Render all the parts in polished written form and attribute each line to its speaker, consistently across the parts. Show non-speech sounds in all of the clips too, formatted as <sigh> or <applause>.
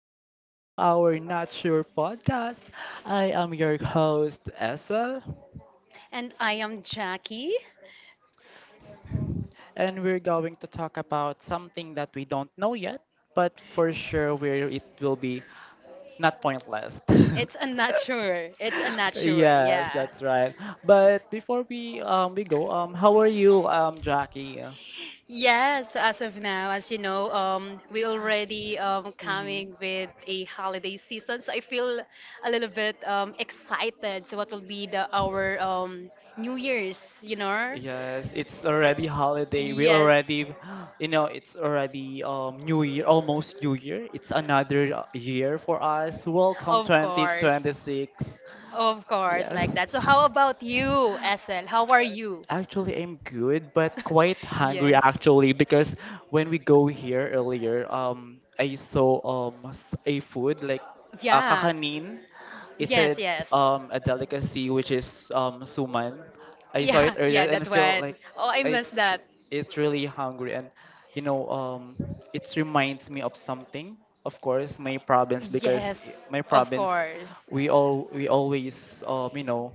Speaker 1: Welcome to our Not Sure podcast. I am your host, Essel,
Speaker 2: And I am Jackie.
Speaker 1: and we're going to talk about something that we don't know yet, but for sure where it will be not pointless.
Speaker 2: It's a not sure. It's a
Speaker 1: <laughs>
Speaker 2: not sure.
Speaker 1: Yes,
Speaker 2: Yeah.
Speaker 1: that's right. But before we go, how are you, Jackie?
Speaker 2: Yes, as of now, as you know, we already
Speaker 1: Hmm.
Speaker 2: coming with a holiday season, so I feel a little bit excited. So what will be the our New Year's, you know?
Speaker 1: Yes, it's already holiday. We
Speaker 2: Yes,
Speaker 1: already, <gasps> you know, it's already New Year, almost New Year. It's another year for us. Welcome
Speaker 2: of course,
Speaker 1: 2026.
Speaker 2: of course,
Speaker 1: Yes.
Speaker 2: like that. So how about you, Essel? How are you?
Speaker 1: Actually, I'm good, but
Speaker 2: <laughs>
Speaker 1: quite hungry
Speaker 2: Yes.
Speaker 1: actually because when we go here earlier, I saw a food like
Speaker 2: Yeah.
Speaker 1: kakanin. It's
Speaker 2: Yes,
Speaker 1: a
Speaker 2: yes.
Speaker 1: um a delicacy which is suman. I saw
Speaker 2: Yeah,
Speaker 1: it
Speaker 2: <laughs>
Speaker 1: earlier
Speaker 2: yeah,
Speaker 1: and
Speaker 2: that
Speaker 1: I feel
Speaker 2: one.
Speaker 1: like
Speaker 2: Oh, I miss
Speaker 1: it's
Speaker 2: that.
Speaker 1: it's really hungry and you know um it reminds me of something. Of course, my province because
Speaker 2: Yes,
Speaker 1: my
Speaker 2: of
Speaker 1: province
Speaker 2: course.
Speaker 1: we always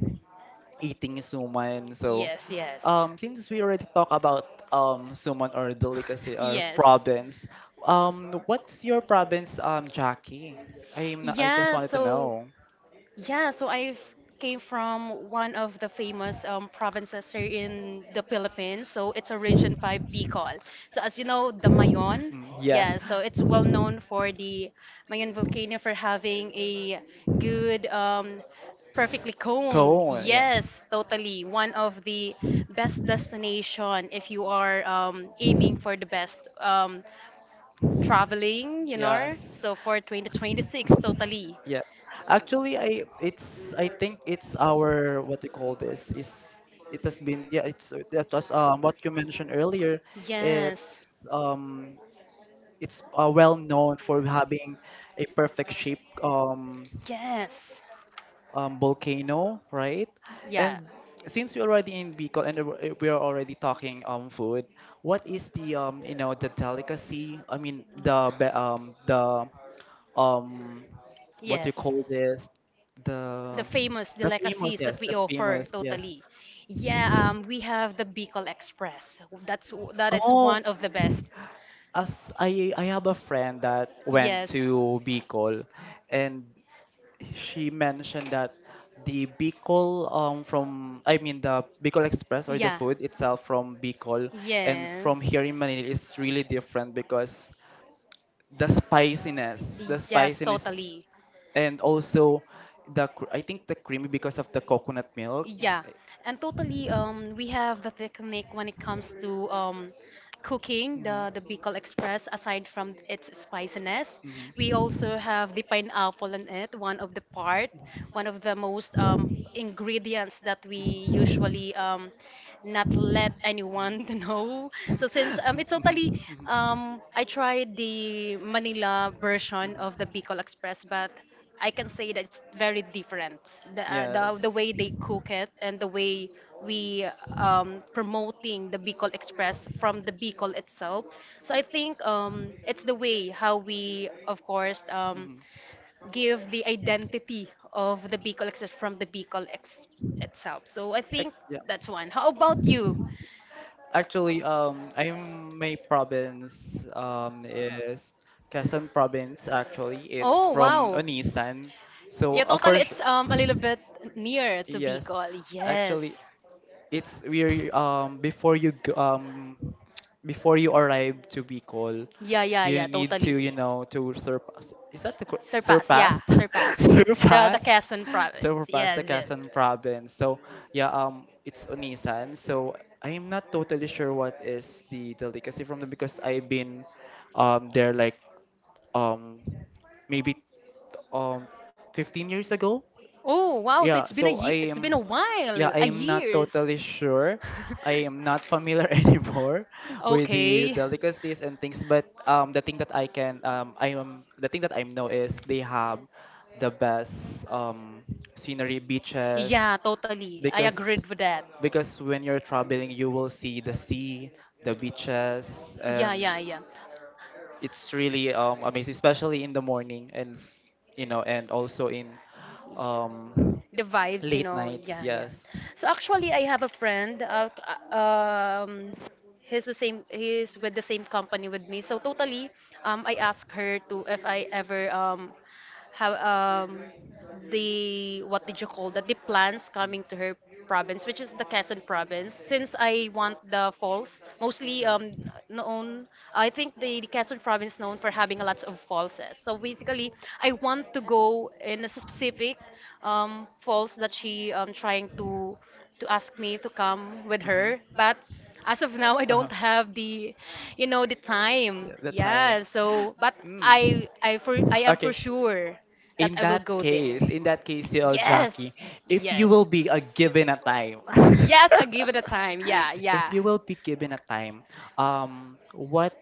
Speaker 1: eating suman. So,
Speaker 2: Yes, yes. <laughs>
Speaker 1: since we already talk about suman or delicacy or
Speaker 2: Yes.
Speaker 1: province, what's your province, Jackie? I'm not, I just
Speaker 2: Yeah,
Speaker 1: wanted to
Speaker 2: so
Speaker 1: know.
Speaker 2: Yeah, so I came from one of the famous provinces here in the Philippines. So it's a Region 5 Bicol. So as you know, the Mayon,
Speaker 1: Mm, yes.
Speaker 2: yeah, so it's well known for the Mayon volcano for having a good, perfectly cone.
Speaker 1: Cool. Yeah.
Speaker 2: Yes, totally. One of the best destination if you are aiming for the best traveling, you know.
Speaker 1: Yes.
Speaker 2: So for 2026, totally.
Speaker 1: Yeah. Actually, I think it's our what we call this is, it has been, yeah, it's that was what you mentioned earlier.
Speaker 2: Yes.
Speaker 1: It's well known for having a perfect shape,
Speaker 2: Yes.
Speaker 1: volcano, right?
Speaker 2: Yeah.
Speaker 1: And since we're already in Bicol and we are already talking food, what is the the delicacy? I mean the be- the um what do you
Speaker 2: Yes.
Speaker 1: call this? The
Speaker 2: The famous
Speaker 1: the famous,
Speaker 2: delicacies
Speaker 1: yes,
Speaker 2: that
Speaker 1: the
Speaker 2: we offer
Speaker 1: famous, yes.
Speaker 2: totally. Yeah, we have the Bicol Express. That is
Speaker 1: Oh,
Speaker 2: one of the best.
Speaker 1: as I have a friend that went
Speaker 2: Yes.
Speaker 1: to Bicol, and she mentioned that the Bicol from I mean, the Bicol Express or the
Speaker 2: Yeah.
Speaker 1: food itself from Bicol and
Speaker 2: Yes.
Speaker 1: from here in Manila is really different because the spiciness, the
Speaker 2: Yes,
Speaker 1: spiciness
Speaker 2: totally.
Speaker 1: and also I think the creamy because of the coconut milk.
Speaker 2: Yeah, and totally, we have the technique when it comes to cooking the Bicol Express. Aside from its spiciness, we
Speaker 1: Mhm.
Speaker 2: also have the pineapple in it. One of the part,
Speaker 1: Mhm.
Speaker 2: one of the most ingredients that we usually not let anyone <laughs> to know. So since
Speaker 1: Mhm,
Speaker 2: it's totally,
Speaker 1: mhm, mhm. <laughs>
Speaker 2: I tried the Manila version of the Bicol Express, but I can say that it's very different. The
Speaker 1: Yes.
Speaker 2: way they cook it and the way we promoting the Bicol Express from the Bicol itself. So I think it's the way how we, of course,
Speaker 1: Mhm.
Speaker 2: give the identity of the Bicol Express from the itself. So I think
Speaker 1: Yeah.
Speaker 2: that's one. How about you?
Speaker 1: Actually, I'm my province is Quezon province. Actually, it's
Speaker 2: Oh,
Speaker 1: from
Speaker 2: wow.
Speaker 1: Onisan. So,
Speaker 2: Yeah, totally. It's a little bit near to
Speaker 1: yes,
Speaker 2: Bicol.
Speaker 1: actually,
Speaker 2: Yes.
Speaker 1: it's we're before you go, before you arrive to Bicol,
Speaker 2: Yeah, yeah,
Speaker 1: you
Speaker 2: yeah,
Speaker 1: need to
Speaker 2: totally.
Speaker 1: to surpass. Is that the
Speaker 2: Surpass, yeah,
Speaker 1: surpassed? <laughs>
Speaker 2: surpass. The
Speaker 1: Surpassed.
Speaker 2: Quezon province.
Speaker 1: Surpass the
Speaker 2: Yes, yes.
Speaker 1: Quezon province. So yeah, it's Onisan. So I'm not totally sure what is the delicacy from them because I've been there like um maybe um 15 years ago,
Speaker 2: Oh wow! So
Speaker 1: yeah,
Speaker 2: it's been
Speaker 1: so I
Speaker 2: it's been a
Speaker 1: am, yeah,
Speaker 2: while,
Speaker 1: I
Speaker 2: a
Speaker 1: am not
Speaker 2: years.
Speaker 1: totally sure. I am not familiar <laughs> anymore
Speaker 2: <laughs>
Speaker 1: with the
Speaker 2: okay.
Speaker 1: delicacies and things, but the thing that I can, I am the thing that I know is they have the best, scenery beaches
Speaker 2: Yeah, totally. I
Speaker 1: because
Speaker 2: agreed with that.
Speaker 1: when you're traveling you will see the sea, the beaches,
Speaker 2: Yeah,
Speaker 1: and
Speaker 2: yeah, yeah,
Speaker 1: it's really, amazing, especially in the morning and and also in um,
Speaker 2: the vibes, you
Speaker 1: late
Speaker 2: know.
Speaker 1: nights,
Speaker 2: Yeah, yeah.
Speaker 1: yes.
Speaker 2: So actually, I have a friend. Uh, um, he's the same. He's with the same company with me. So totally, I asked her to if I ever how the what did you call that the plants coming to her province, which is the Quezon province, since I want the falls mostly known. I think the Quezon province known for having a lot of falls eh. So basically I want to go in a specific falls that she trying to ask me to come with
Speaker 1: Mhm.
Speaker 2: her, but as of now I
Speaker 1: Uh-huh.
Speaker 2: don't have the you know the time,
Speaker 1: Yeah, the time.
Speaker 2: yeah. So
Speaker 1: <gasps>
Speaker 2: but
Speaker 1: Mm.
Speaker 2: I am for
Speaker 1: Okay.
Speaker 2: sure that I will go there.
Speaker 1: In that case, TL Jackie,
Speaker 2: Yes.
Speaker 1: if you
Speaker 2: Yes.
Speaker 1: will be a given a time, <laughs>
Speaker 2: Yes, I give it a time, yeah,
Speaker 1: if
Speaker 2: yeah.
Speaker 1: you will be given a time, what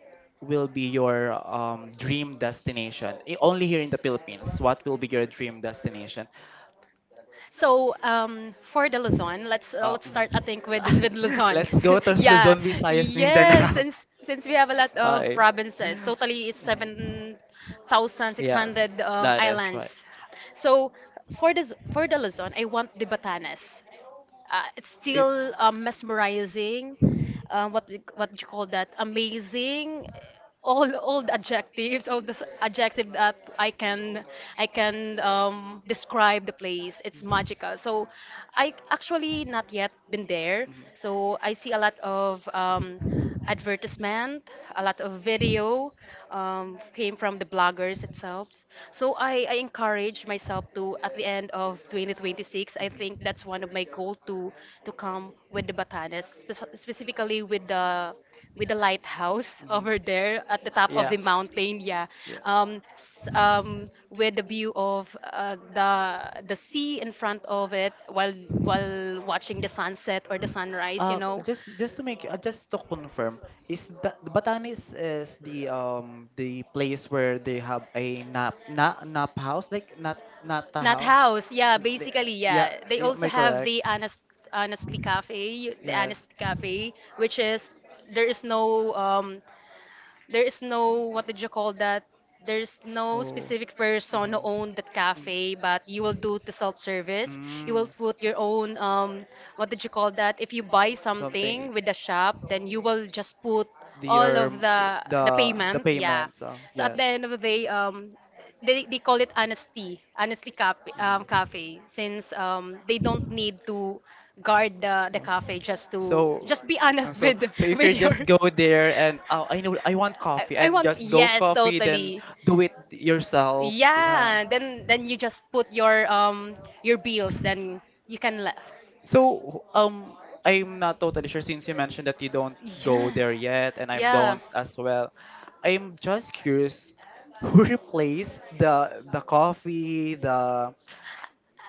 Speaker 1: will be your, dream destination? Only here in the Philippines, what will be your dream destination?
Speaker 2: So for the Luzon, let's start, I think,
Speaker 1: Mm.
Speaker 2: with
Speaker 1: <laughs>
Speaker 2: Luzon.
Speaker 1: Let's go to
Speaker 2: <laughs> Yeah.
Speaker 1: Luzon, Visayas,
Speaker 2: Yes,
Speaker 1: Mindanao.
Speaker 2: since we have a lot
Speaker 1: <laughs>
Speaker 2: of
Speaker 1: Hi.
Speaker 2: provinces, totally it's
Speaker 1: Mhm. Yes,
Speaker 2: 7600
Speaker 1: that is right.
Speaker 2: islands. So for this for the Luzon I want the Batanes. It's still mesmerizing. What do you call that? Amazing. All the adjectives, all the adjective that I can describe the place. It's magical. So I actually not yet been there. So I see a lot of advertisement, a lot of video came from the bloggers itself. So I encourage myself to, at the end of 2026, I think that's one of my goal to come with the Batanes, specifically with the lighthouse <laughs>
Speaker 1: Mhm.
Speaker 2: over there at the top of
Speaker 1: Yeah.
Speaker 2: the mountain. Yeah,
Speaker 1: Yeah.
Speaker 2: with the view of the sea in front of it while watching the sunset or the sunrise. You
Speaker 1: Uh,
Speaker 2: know.
Speaker 1: just to make, just to confirm, is that Batanes is the place where they have a nap house like nat nata nap
Speaker 2: Not
Speaker 1: house?
Speaker 2: house, yeah,
Speaker 1: The-
Speaker 2: basically,
Speaker 1: Yeah,
Speaker 2: yeah. They
Speaker 1: am I
Speaker 2: also have
Speaker 1: correct?
Speaker 2: the honest, honestly cafe, the honest cafe, which is there is no um there is no what did you call that? There's no specific person who
Speaker 1: Hmm.
Speaker 2: owned that cafe, but you will do the self-service. You will put your own what did you call that? If you buy something with the shop, then you will just put all of the
Speaker 1: The
Speaker 2: payment. Yeah.
Speaker 1: payments.
Speaker 2: So at the end of the day, they call it honesty, honestly cafe, cafe, since they don't need to guard the
Speaker 1: No.
Speaker 2: cafe just to
Speaker 1: So,
Speaker 2: just be
Speaker 1: uh,
Speaker 2: honest <laughs>
Speaker 1: so, so if
Speaker 2: with
Speaker 1: you
Speaker 2: your
Speaker 1: just
Speaker 2: <laughs>
Speaker 1: go there and, oh, I know I want coffee
Speaker 2: I
Speaker 1: and
Speaker 2: want,
Speaker 1: just go
Speaker 2: yes,
Speaker 1: coffee, then
Speaker 2: totally.
Speaker 1: do it yourself. La.
Speaker 2: Yeah, then you just put your bills, then you can left.
Speaker 1: So, I'm not totally sure since you mentioned that you don't go
Speaker 2: Yeah,
Speaker 1: there yet, and I
Speaker 2: yeah.
Speaker 1: don't as well. I'm just curious, who replaced the coffee, the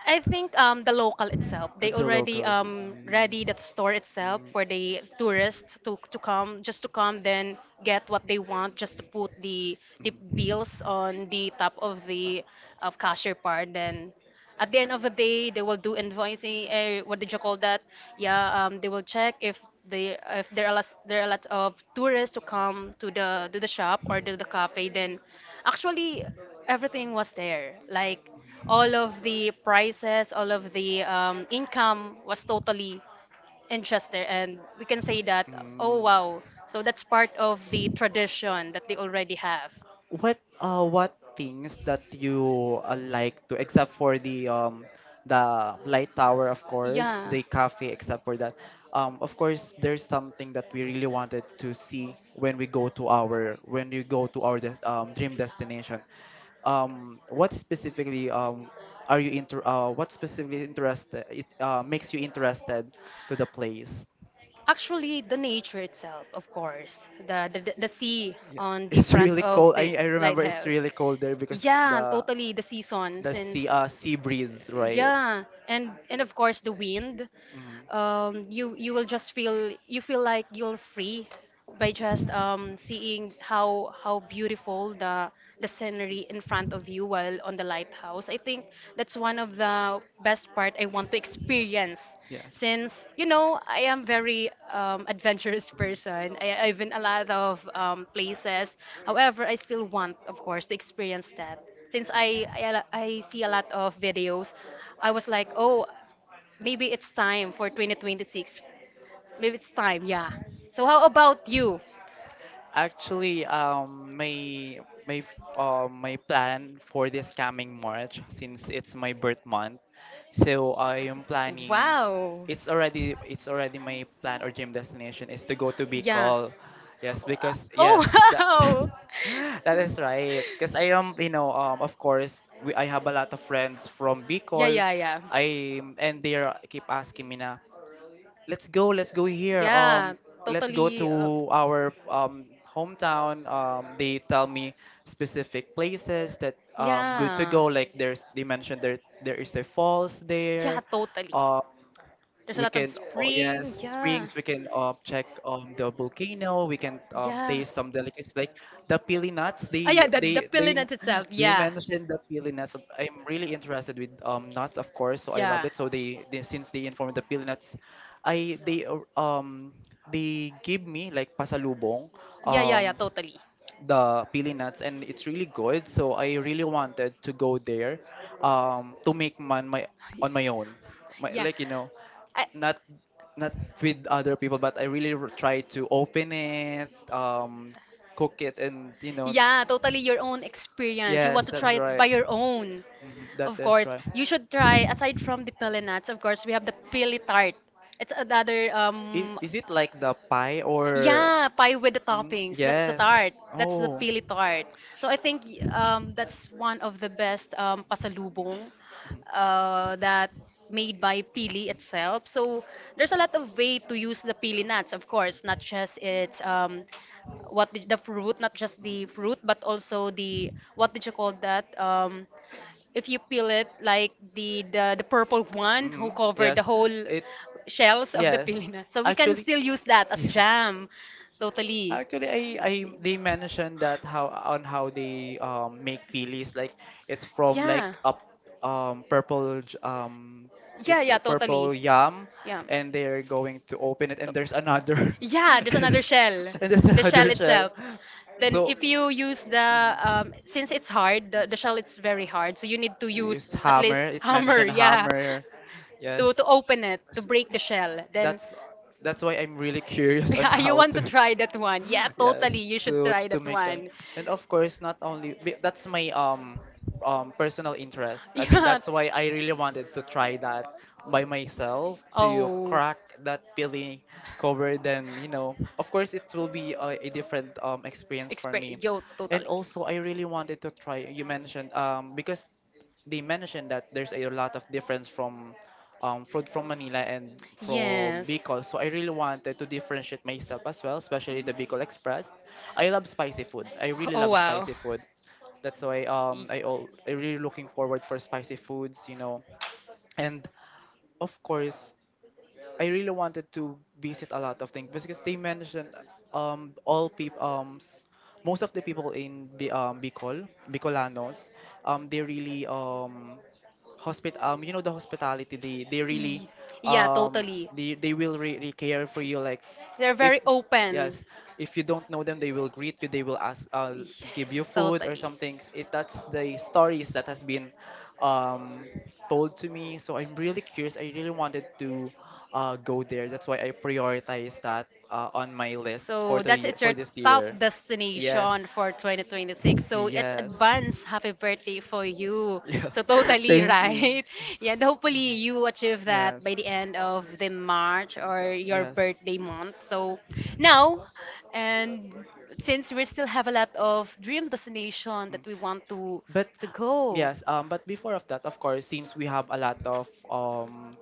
Speaker 2: I think the local itself, they already ready that store itself for the tourists to come, just to come, then get what they want, just to put the bills on the top of the of cashier part. Then at the end of the day, they will do invoicing. Eh, what did you call that? Yeah, they will check if they if there are lots, there are lots of tourists to come to the shop or to the cafe. Then actually everything was there, like all of the prices, all of the income was totally in Chester. And we can say that, oh
Speaker 1: Mm.
Speaker 2: wow, so that's part of the tradition that they already have.
Speaker 1: What things that you, like to, except for the light tower, of course,
Speaker 2: Yeah.
Speaker 1: the cafe, except for that, of course, there's something that we really wanted to see when we go to our when we go to our dream destination, what specifically, are you inter what specifically interested, it makes you interested to the place?
Speaker 2: Actually, the nature itself, of course, the sea
Speaker 1: Yeah,
Speaker 2: on
Speaker 1: <laughs>
Speaker 2: the
Speaker 1: it's
Speaker 2: front
Speaker 1: really
Speaker 2: of
Speaker 1: cold.
Speaker 2: the
Speaker 1: I remember it's
Speaker 2: lighthouse.
Speaker 1: really cold there because
Speaker 2: Yeah,
Speaker 1: the
Speaker 2: totally the season
Speaker 1: the sea,
Speaker 2: since
Speaker 1: sea breeze, right?
Speaker 2: yeah, and of course the wind,
Speaker 1: Mhm.
Speaker 2: you you will just feel you feel like you're free by just seeing how beautiful the scenery in front of you while on the lighthouse. I think that's one of the best part I want to experience,
Speaker 1: Yes.
Speaker 2: since you know I am very adventurous <laughs> person. I've been a lot of places. However, I still want, of course, to experience that. Since I see a lot of videos, I was like, oh, maybe it's time for 2026. Maybe it's time, yeah. So how about you?
Speaker 1: Actually, my plan for this coming March, since it's my birth month, so I am planning.
Speaker 2: Wow.
Speaker 1: It's already my plan or dream destination is to go to
Speaker 2: Yeah.
Speaker 1: Bicol. Yes, because,
Speaker 2: Oh,
Speaker 1: yes,
Speaker 2: <laughs>
Speaker 1: that <laughs>
Speaker 2: wow.
Speaker 1: that is right. Because I am, of course, we I have a lot of friends from
Speaker 2: Yeah,
Speaker 1: Bicol.
Speaker 2: yeah, yeah.
Speaker 1: I And they keep asking me na, let's go, let's go here.
Speaker 2: Yeah,
Speaker 1: Let's go
Speaker 2: totally.
Speaker 1: to our, hometown. They tell me specific places that, good to
Speaker 2: Yeah.
Speaker 1: go. Like, there's they mentioned there is a falls
Speaker 2: Yeah,
Speaker 1: there
Speaker 2: totally. There's a
Speaker 1: we
Speaker 2: lot of
Speaker 1: can, oh yes,
Speaker 2: spring. Yeah.
Speaker 1: springs we can, check on the volcano, we can,
Speaker 2: Yeah.
Speaker 1: taste some delicacies like the pili nuts,
Speaker 2: Ah,
Speaker 1: they
Speaker 2: yeah, the
Speaker 1: they they
Speaker 2: feeling
Speaker 1: <laughs>
Speaker 2: itself.
Speaker 1: they
Speaker 2: Yeah.
Speaker 1: mentioned the pili nuts. I'm really interested with, nuts, of course, so I love
Speaker 2: Yeah.
Speaker 1: it. So, they, since they informed the pili nuts, I they give me like pasalubong,
Speaker 2: Yeah, yeah, yeah,
Speaker 1: um
Speaker 2: totally. <laughs>
Speaker 1: the pili nuts, and it's really good, so I really wanted to go there, to make man my, on my own, my,
Speaker 2: Yeah.
Speaker 1: like, not not with other people, but I really, try
Speaker 2: I,
Speaker 1: to open it, cook it, and, you know,
Speaker 2: yeah, totally your own experience. You want
Speaker 1: yes,
Speaker 2: to try
Speaker 1: that's
Speaker 2: it by
Speaker 1: right.
Speaker 2: your own.
Speaker 1: Mhm, that
Speaker 2: Of
Speaker 1: is
Speaker 2: course,
Speaker 1: right.
Speaker 2: you should try, aside from the peli nuts, of course, we have the pili tart. It's another
Speaker 1: Is it like the pie, or?
Speaker 2: yeah, pie with the
Speaker 1: Mm,
Speaker 2: toppings. That's the
Speaker 1: yes.
Speaker 2: tart. That's the
Speaker 1: Oh.
Speaker 2: pili tart. So I think that's one of the best pasalubong that made by pili itself. So there's a lot of way to use the pili nuts, of course, not just its the fruit, not just the fruit, but also the what did you call that? If you peel it like the purple one who
Speaker 1: Hmm.
Speaker 2: covered the
Speaker 1: Yes.
Speaker 2: whole
Speaker 1: It.
Speaker 2: shells of the
Speaker 1: Yes.
Speaker 2: pili nut. So we can
Speaker 1: Actually.
Speaker 2: still use that as
Speaker 1: Yes.
Speaker 2: jam. Totally.
Speaker 1: Actually, I they mentioned, that how they, make pilis, like it's from
Speaker 2: Yeah.
Speaker 1: like a, purple,
Speaker 2: Yeah,
Speaker 1: it's a
Speaker 2: yeah,
Speaker 1: purple
Speaker 2: totally.
Speaker 1: yam,
Speaker 2: Yeah.
Speaker 1: and they're going to open it, and there's another
Speaker 2: Yeah, there's another shell.
Speaker 1: <laughs> and there's
Speaker 2: The
Speaker 1: another
Speaker 2: shell
Speaker 1: <laughs>
Speaker 2: itself. Then
Speaker 1: so.
Speaker 2: if you use the
Speaker 1: Mhm.
Speaker 2: since it's hard, the shell it's very hard, so you need to use at
Speaker 1: Hammer,
Speaker 2: least <laughs>
Speaker 1: it
Speaker 2: hammer,
Speaker 1: mentioned
Speaker 2: yeah.
Speaker 1: hammer,
Speaker 2: to
Speaker 1: yes.
Speaker 2: to open it, to
Speaker 1: S-
Speaker 2: break the shell. Then
Speaker 1: that's that's why I'm really <laughs>
Speaker 2: <laughs>
Speaker 1: curious on, yeah,
Speaker 2: yeah, you
Speaker 1: how
Speaker 2: want to
Speaker 1: to <laughs>
Speaker 2: try that one. Yeah,
Speaker 1: yes,
Speaker 2: totally. You should
Speaker 1: to
Speaker 2: try that
Speaker 1: make them.
Speaker 2: one. <laughs>
Speaker 1: And, of course, not only that's my, personal interest. I mean,
Speaker 2: Yeah.
Speaker 1: that's why I really wanted to try that by myself, to
Speaker 2: Oh.
Speaker 1: crack that peeling cover, then, of course, it will be a different, experience for
Speaker 2: Express
Speaker 1: me.
Speaker 2: yo
Speaker 1: And
Speaker 2: totally.
Speaker 1: also, I really wanted to try, you mentioned because they mentioned that there's a lot of difference from, fruit from Manila and from
Speaker 2: Yes.
Speaker 1: Bicol, so I really wanted to differentiate myself as well, especially the Bicol Express. I love spicy food. I really
Speaker 2: Oh
Speaker 1: love
Speaker 2: wow.
Speaker 1: spicy food. That's why,
Speaker 2: Y- y-
Speaker 1: I really looking forward for spicy foods. And, of course, I really wanted to visit a lot of things because they mentioned, all people, most of the people in, Bicol. Bicolanos, they really, hospit you know the hospitality, they really,
Speaker 2: Yeah, totally.
Speaker 1: they will really care for you, like,
Speaker 2: They're
Speaker 1: if
Speaker 2: very open.
Speaker 1: yes, if you don't know them, they will greet you, they will ask, give you
Speaker 2: Yes,
Speaker 1: food or
Speaker 2: totally.
Speaker 1: something, it that's the stories that has been, um told to me, so I'm really curious, I really wanted to, go there. That's why I prioritize that, on my list for
Speaker 2: So that's it's your
Speaker 1: for this
Speaker 2: top
Speaker 1: year. Yes,
Speaker 2: destination for 2026. So it's
Speaker 1: yes,
Speaker 2: advance happy birthday for you.
Speaker 1: <laughs> yeah.
Speaker 2: So totally <laughs>
Speaker 1: Thank you.
Speaker 2: right. Yeah, and hopefully you achieve that
Speaker 1: Yes,
Speaker 2: by the end of the March or your
Speaker 1: Yes.
Speaker 2: birthday month. So now, and since we still have a lot of dream destination
Speaker 1: Mm.
Speaker 2: that we want
Speaker 1: But,
Speaker 2: to go.
Speaker 1: yes, but before of that, of course, since we have a lot of, um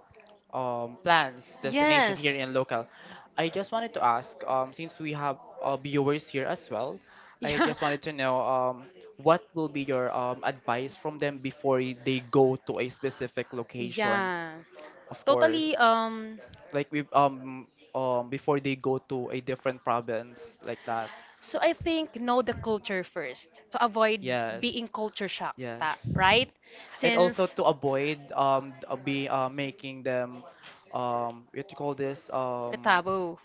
Speaker 1: um, plans, destination
Speaker 2: Yes.
Speaker 1: here in local. I just wanted to ask, since we have, viewers here as well,
Speaker 2: <laughs>
Speaker 1: I
Speaker 2: Yeah.
Speaker 1: just wanted to know, what will be your, advice from them before they go to a specific location,
Speaker 2: Yeah,
Speaker 1: of
Speaker 2: totally.
Speaker 1: course, like we before they go to a different province like that.
Speaker 2: So I think know the culture first to avoid
Speaker 1: Yes.
Speaker 2: being culture shock,
Speaker 1: Yes,
Speaker 2: right?
Speaker 1: and also
Speaker 2: Since
Speaker 1: to avoid th- be making them, what do you call this,
Speaker 2: the taboo.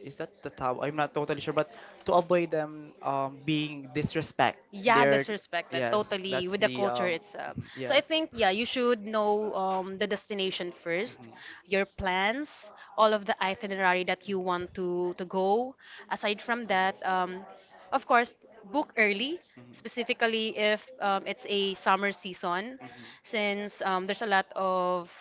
Speaker 1: is that the tab? I'm not totally sure, but to avoid them, being disrespect,
Speaker 2: Yeah,
Speaker 1: they're
Speaker 2: that's respected
Speaker 1: yes,
Speaker 2: totally
Speaker 1: that's
Speaker 2: with the
Speaker 1: the,
Speaker 2: culture itself.
Speaker 1: mhm,
Speaker 2: So I
Speaker 1: yes.
Speaker 2: think yeah, you
Speaker 1: Mhm,
Speaker 2: should know the destination
Speaker 1: mhm, mhm,
Speaker 2: first, your
Speaker 1: mhm.
Speaker 2: plans, all of the itinerary that you want to go. Aside from that, of course, book early, specifically if it's a summer season, since there's a lot of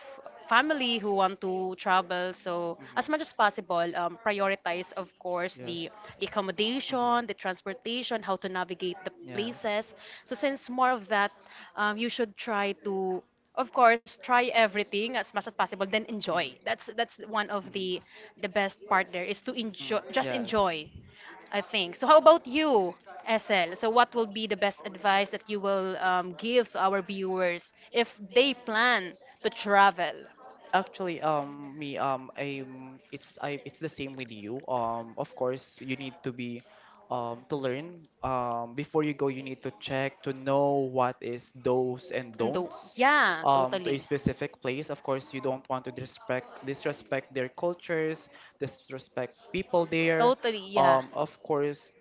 Speaker 2: family who want to travel. So as much as possible, prioritize, of course,
Speaker 1: Yes.
Speaker 2: the accommodation, the transportation, how to navigate the
Speaker 1: Mhm. Yes.
Speaker 2: places. So since more of that, you should try to, of course, try everything as much as possible. Then enjoy. That's one of
Speaker 1: Mhm.
Speaker 2: the best part there is to enjoy,
Speaker 1: Mm,
Speaker 2: just
Speaker 1: yes.
Speaker 2: enjoy I think. So how about you, SL? So what will be the best advice that you will give to our viewers if they plan to travel?
Speaker 1: Actually, me, it's the same with you. Of course, you need to learn. Before you go, you need to check to know what is those and
Speaker 2: And do
Speaker 1: don'ts.
Speaker 2: yeah,
Speaker 1: To a
Speaker 2: totally.
Speaker 1: specific place. Of course, you don't want to disrespect their cultures, disrespect people there.
Speaker 2: Totally, yeah. <laughs>
Speaker 1: Of course,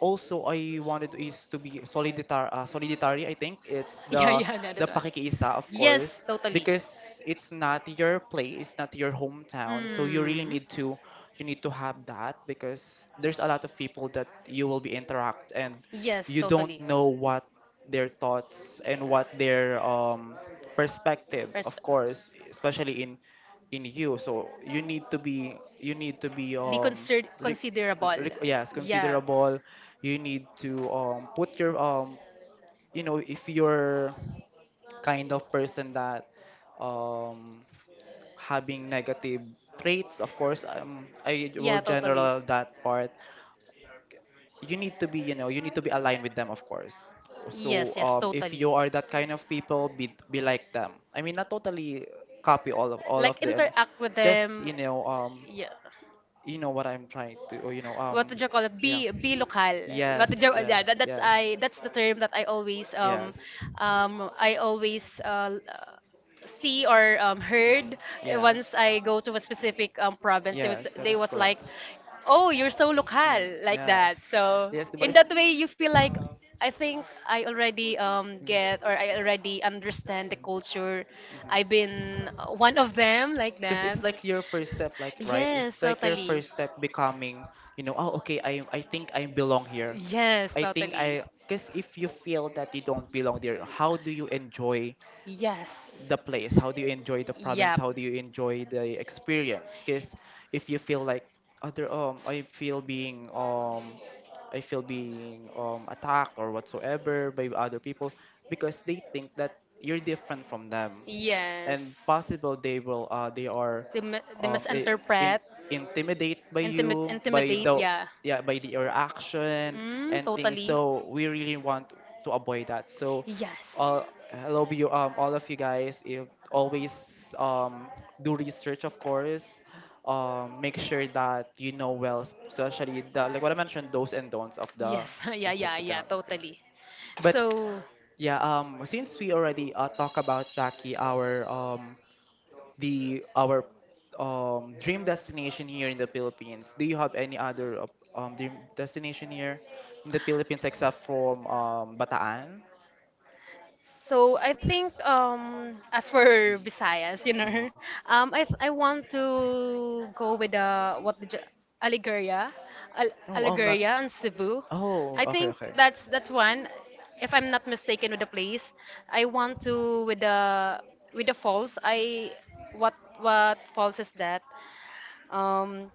Speaker 1: also I wanted is to be soliditar solidary. I think it's
Speaker 2: Yeah,
Speaker 1: the
Speaker 2: yeah, yeah, that
Speaker 1: the
Speaker 2: one.
Speaker 1: pakikiisa, of course,
Speaker 2: Yes, totally.
Speaker 1: because it's not your place, not your hometown, so you really
Speaker 2: Mm.
Speaker 1: need to, you need to have that because there's a lot of people that you will be interact, and
Speaker 2: Yes,
Speaker 1: you don't
Speaker 2: totally.
Speaker 1: know what their thoughts and what
Speaker 2: Yeah.
Speaker 1: their perspective, of
Speaker 2: Perspe-
Speaker 1: course, especially in you. So you need to be,
Speaker 2: be consider
Speaker 1: re-
Speaker 2: considerable.
Speaker 1: yes,
Speaker 2: Yeah.
Speaker 1: considerable. You need to put your if you're kind of person that um having negative traits, of course. I will
Speaker 2: Yeah, totally.
Speaker 1: general that part. You need to be you know you need to be aligned with them, of course. So
Speaker 2: Yes, yes,
Speaker 1: if
Speaker 2: totally.
Speaker 1: you are that kind of people, be like them. I mean, not totally copy all of all
Speaker 2: Like
Speaker 1: of them,
Speaker 2: interact with
Speaker 1: just,
Speaker 2: them. Yeah,
Speaker 1: you know what I'm trying to, or,
Speaker 2: what did you call it?
Speaker 1: yeah,
Speaker 2: Be local. What
Speaker 1: yes,
Speaker 2: did you?
Speaker 1: yes,
Speaker 2: Yeah, that's
Speaker 1: yes,
Speaker 2: I. That's the term that I always,
Speaker 1: yes,
Speaker 2: um I always uh, see or
Speaker 1: mhm,
Speaker 2: heard
Speaker 1: yes,
Speaker 2: once I go to a specific province. They was
Speaker 1: yes, that
Speaker 2: they
Speaker 1: is
Speaker 2: was
Speaker 1: correct.
Speaker 2: like, "Oh, you're so local,"
Speaker 1: Mm,
Speaker 2: like that.
Speaker 1: yes,
Speaker 2: So
Speaker 1: yes, but
Speaker 2: in
Speaker 1: it's,
Speaker 2: that way, you feel like I think I already
Speaker 1: mm,
Speaker 2: understand the culture.
Speaker 1: mhm,
Speaker 2: I've
Speaker 1: mhm,
Speaker 2: been one of them like
Speaker 1: because
Speaker 2: that.
Speaker 1: it's like your first step, like, right,
Speaker 2: Yes,
Speaker 1: it's like your
Speaker 2: totally.
Speaker 1: first step becoming, oh, okay, I think I belong here.
Speaker 2: Yes,
Speaker 1: I think
Speaker 2: totally.
Speaker 1: I Because if you feel that you don't belong there, how do you enjoy
Speaker 2: Yes.
Speaker 1: the place? How do you enjoy the province?
Speaker 2: Yep.
Speaker 1: How do you enjoy the experience? Because if you feel like other, I feel being attacked or whatsoever by other people because they think that you're different from them, and
Speaker 2: Yes.
Speaker 1: possible they are,
Speaker 2: They
Speaker 1: I- in
Speaker 2: misinterpret.
Speaker 1: intimidate by
Speaker 2: intimid,
Speaker 1: you, by
Speaker 2: intimidate,
Speaker 1: the,
Speaker 2: yeah.
Speaker 1: yeah, by the your action
Speaker 2: Mm,
Speaker 1: and things.
Speaker 2: totally.
Speaker 1: So we really want to avoid that. So,
Speaker 2: Yes.
Speaker 1: all, hello you all of you guys, if always, do research, of course. Make sure that you know well, especially the, like, what I mentioned, those and don'ts of the
Speaker 2: Yes. <laughs> Yeah, yeah,
Speaker 1: specific
Speaker 2: yeah,
Speaker 1: country.
Speaker 2: totally.
Speaker 1: But
Speaker 2: So
Speaker 1: yeah, since we already talk about Jackie, our, the our dream destination here in the Philippines. Do you have any other dream destination here in the Philippines except from Bataan?
Speaker 2: so I think as for Visayas,
Speaker 1: Mm, mhm.
Speaker 2: <laughs> I want to go with what did you, Aligoria, Al
Speaker 1: No, I'm not.
Speaker 2: Aligoria and Cebu.
Speaker 1: Oh,
Speaker 2: I
Speaker 1: okay,
Speaker 2: think
Speaker 1: okay.
Speaker 2: that's
Speaker 1: <laughs>
Speaker 2: one if I'm not mistaken with the place. I want to, with the falls. I what what falls is that? Um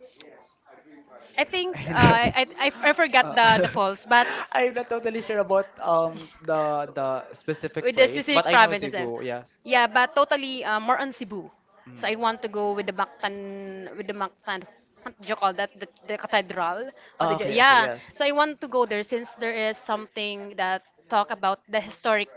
Speaker 2: I think uh,
Speaker 1: I'm not.
Speaker 2: I, I I forgot
Speaker 1: uh,
Speaker 2: the
Speaker 1: <laughs>
Speaker 2: falls, but
Speaker 1: I'm not totally sure about the specific
Speaker 2: with the
Speaker 1: place, but
Speaker 2: specific
Speaker 1: I know
Speaker 2: provinces. Eh.
Speaker 1: Cebu. Yes.
Speaker 2: Yeah, but totally, more on Cebu.
Speaker 1: Mm.
Speaker 2: So I want to go with the Mactan. What do you call that? The cathedral? What
Speaker 1: Ah,
Speaker 2: did you,
Speaker 1: okay, okay,
Speaker 2: yeah.
Speaker 1: yes.
Speaker 2: So I want to go there, since there is something that talk about the historic,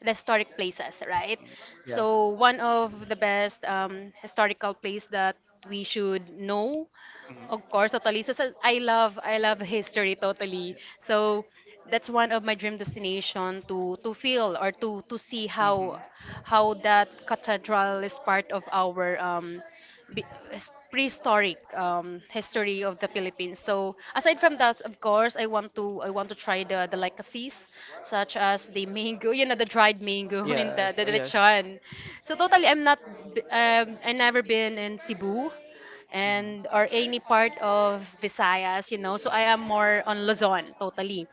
Speaker 2: the historic places, right?
Speaker 1: Mm, yes.
Speaker 2: So one of the best historical place that we should know,
Speaker 1: Mhm. Mhm.
Speaker 2: of course, totally.
Speaker 1: Yes,
Speaker 2: So, I love history totally. So that's one of my dream destination to feel, or to see how that cathedral is part of our prehistoric history of the Philippines. So aside from that, of course, I want to try the delicacies, such as the mango, the dried mango <laughs> and the
Speaker 1: oh yes.
Speaker 2: lechon. So totally, I'm not b- I never been in Cebu,
Speaker 1: Mhm.
Speaker 2: and or any part of Visayas. So I am more on Luzon totally.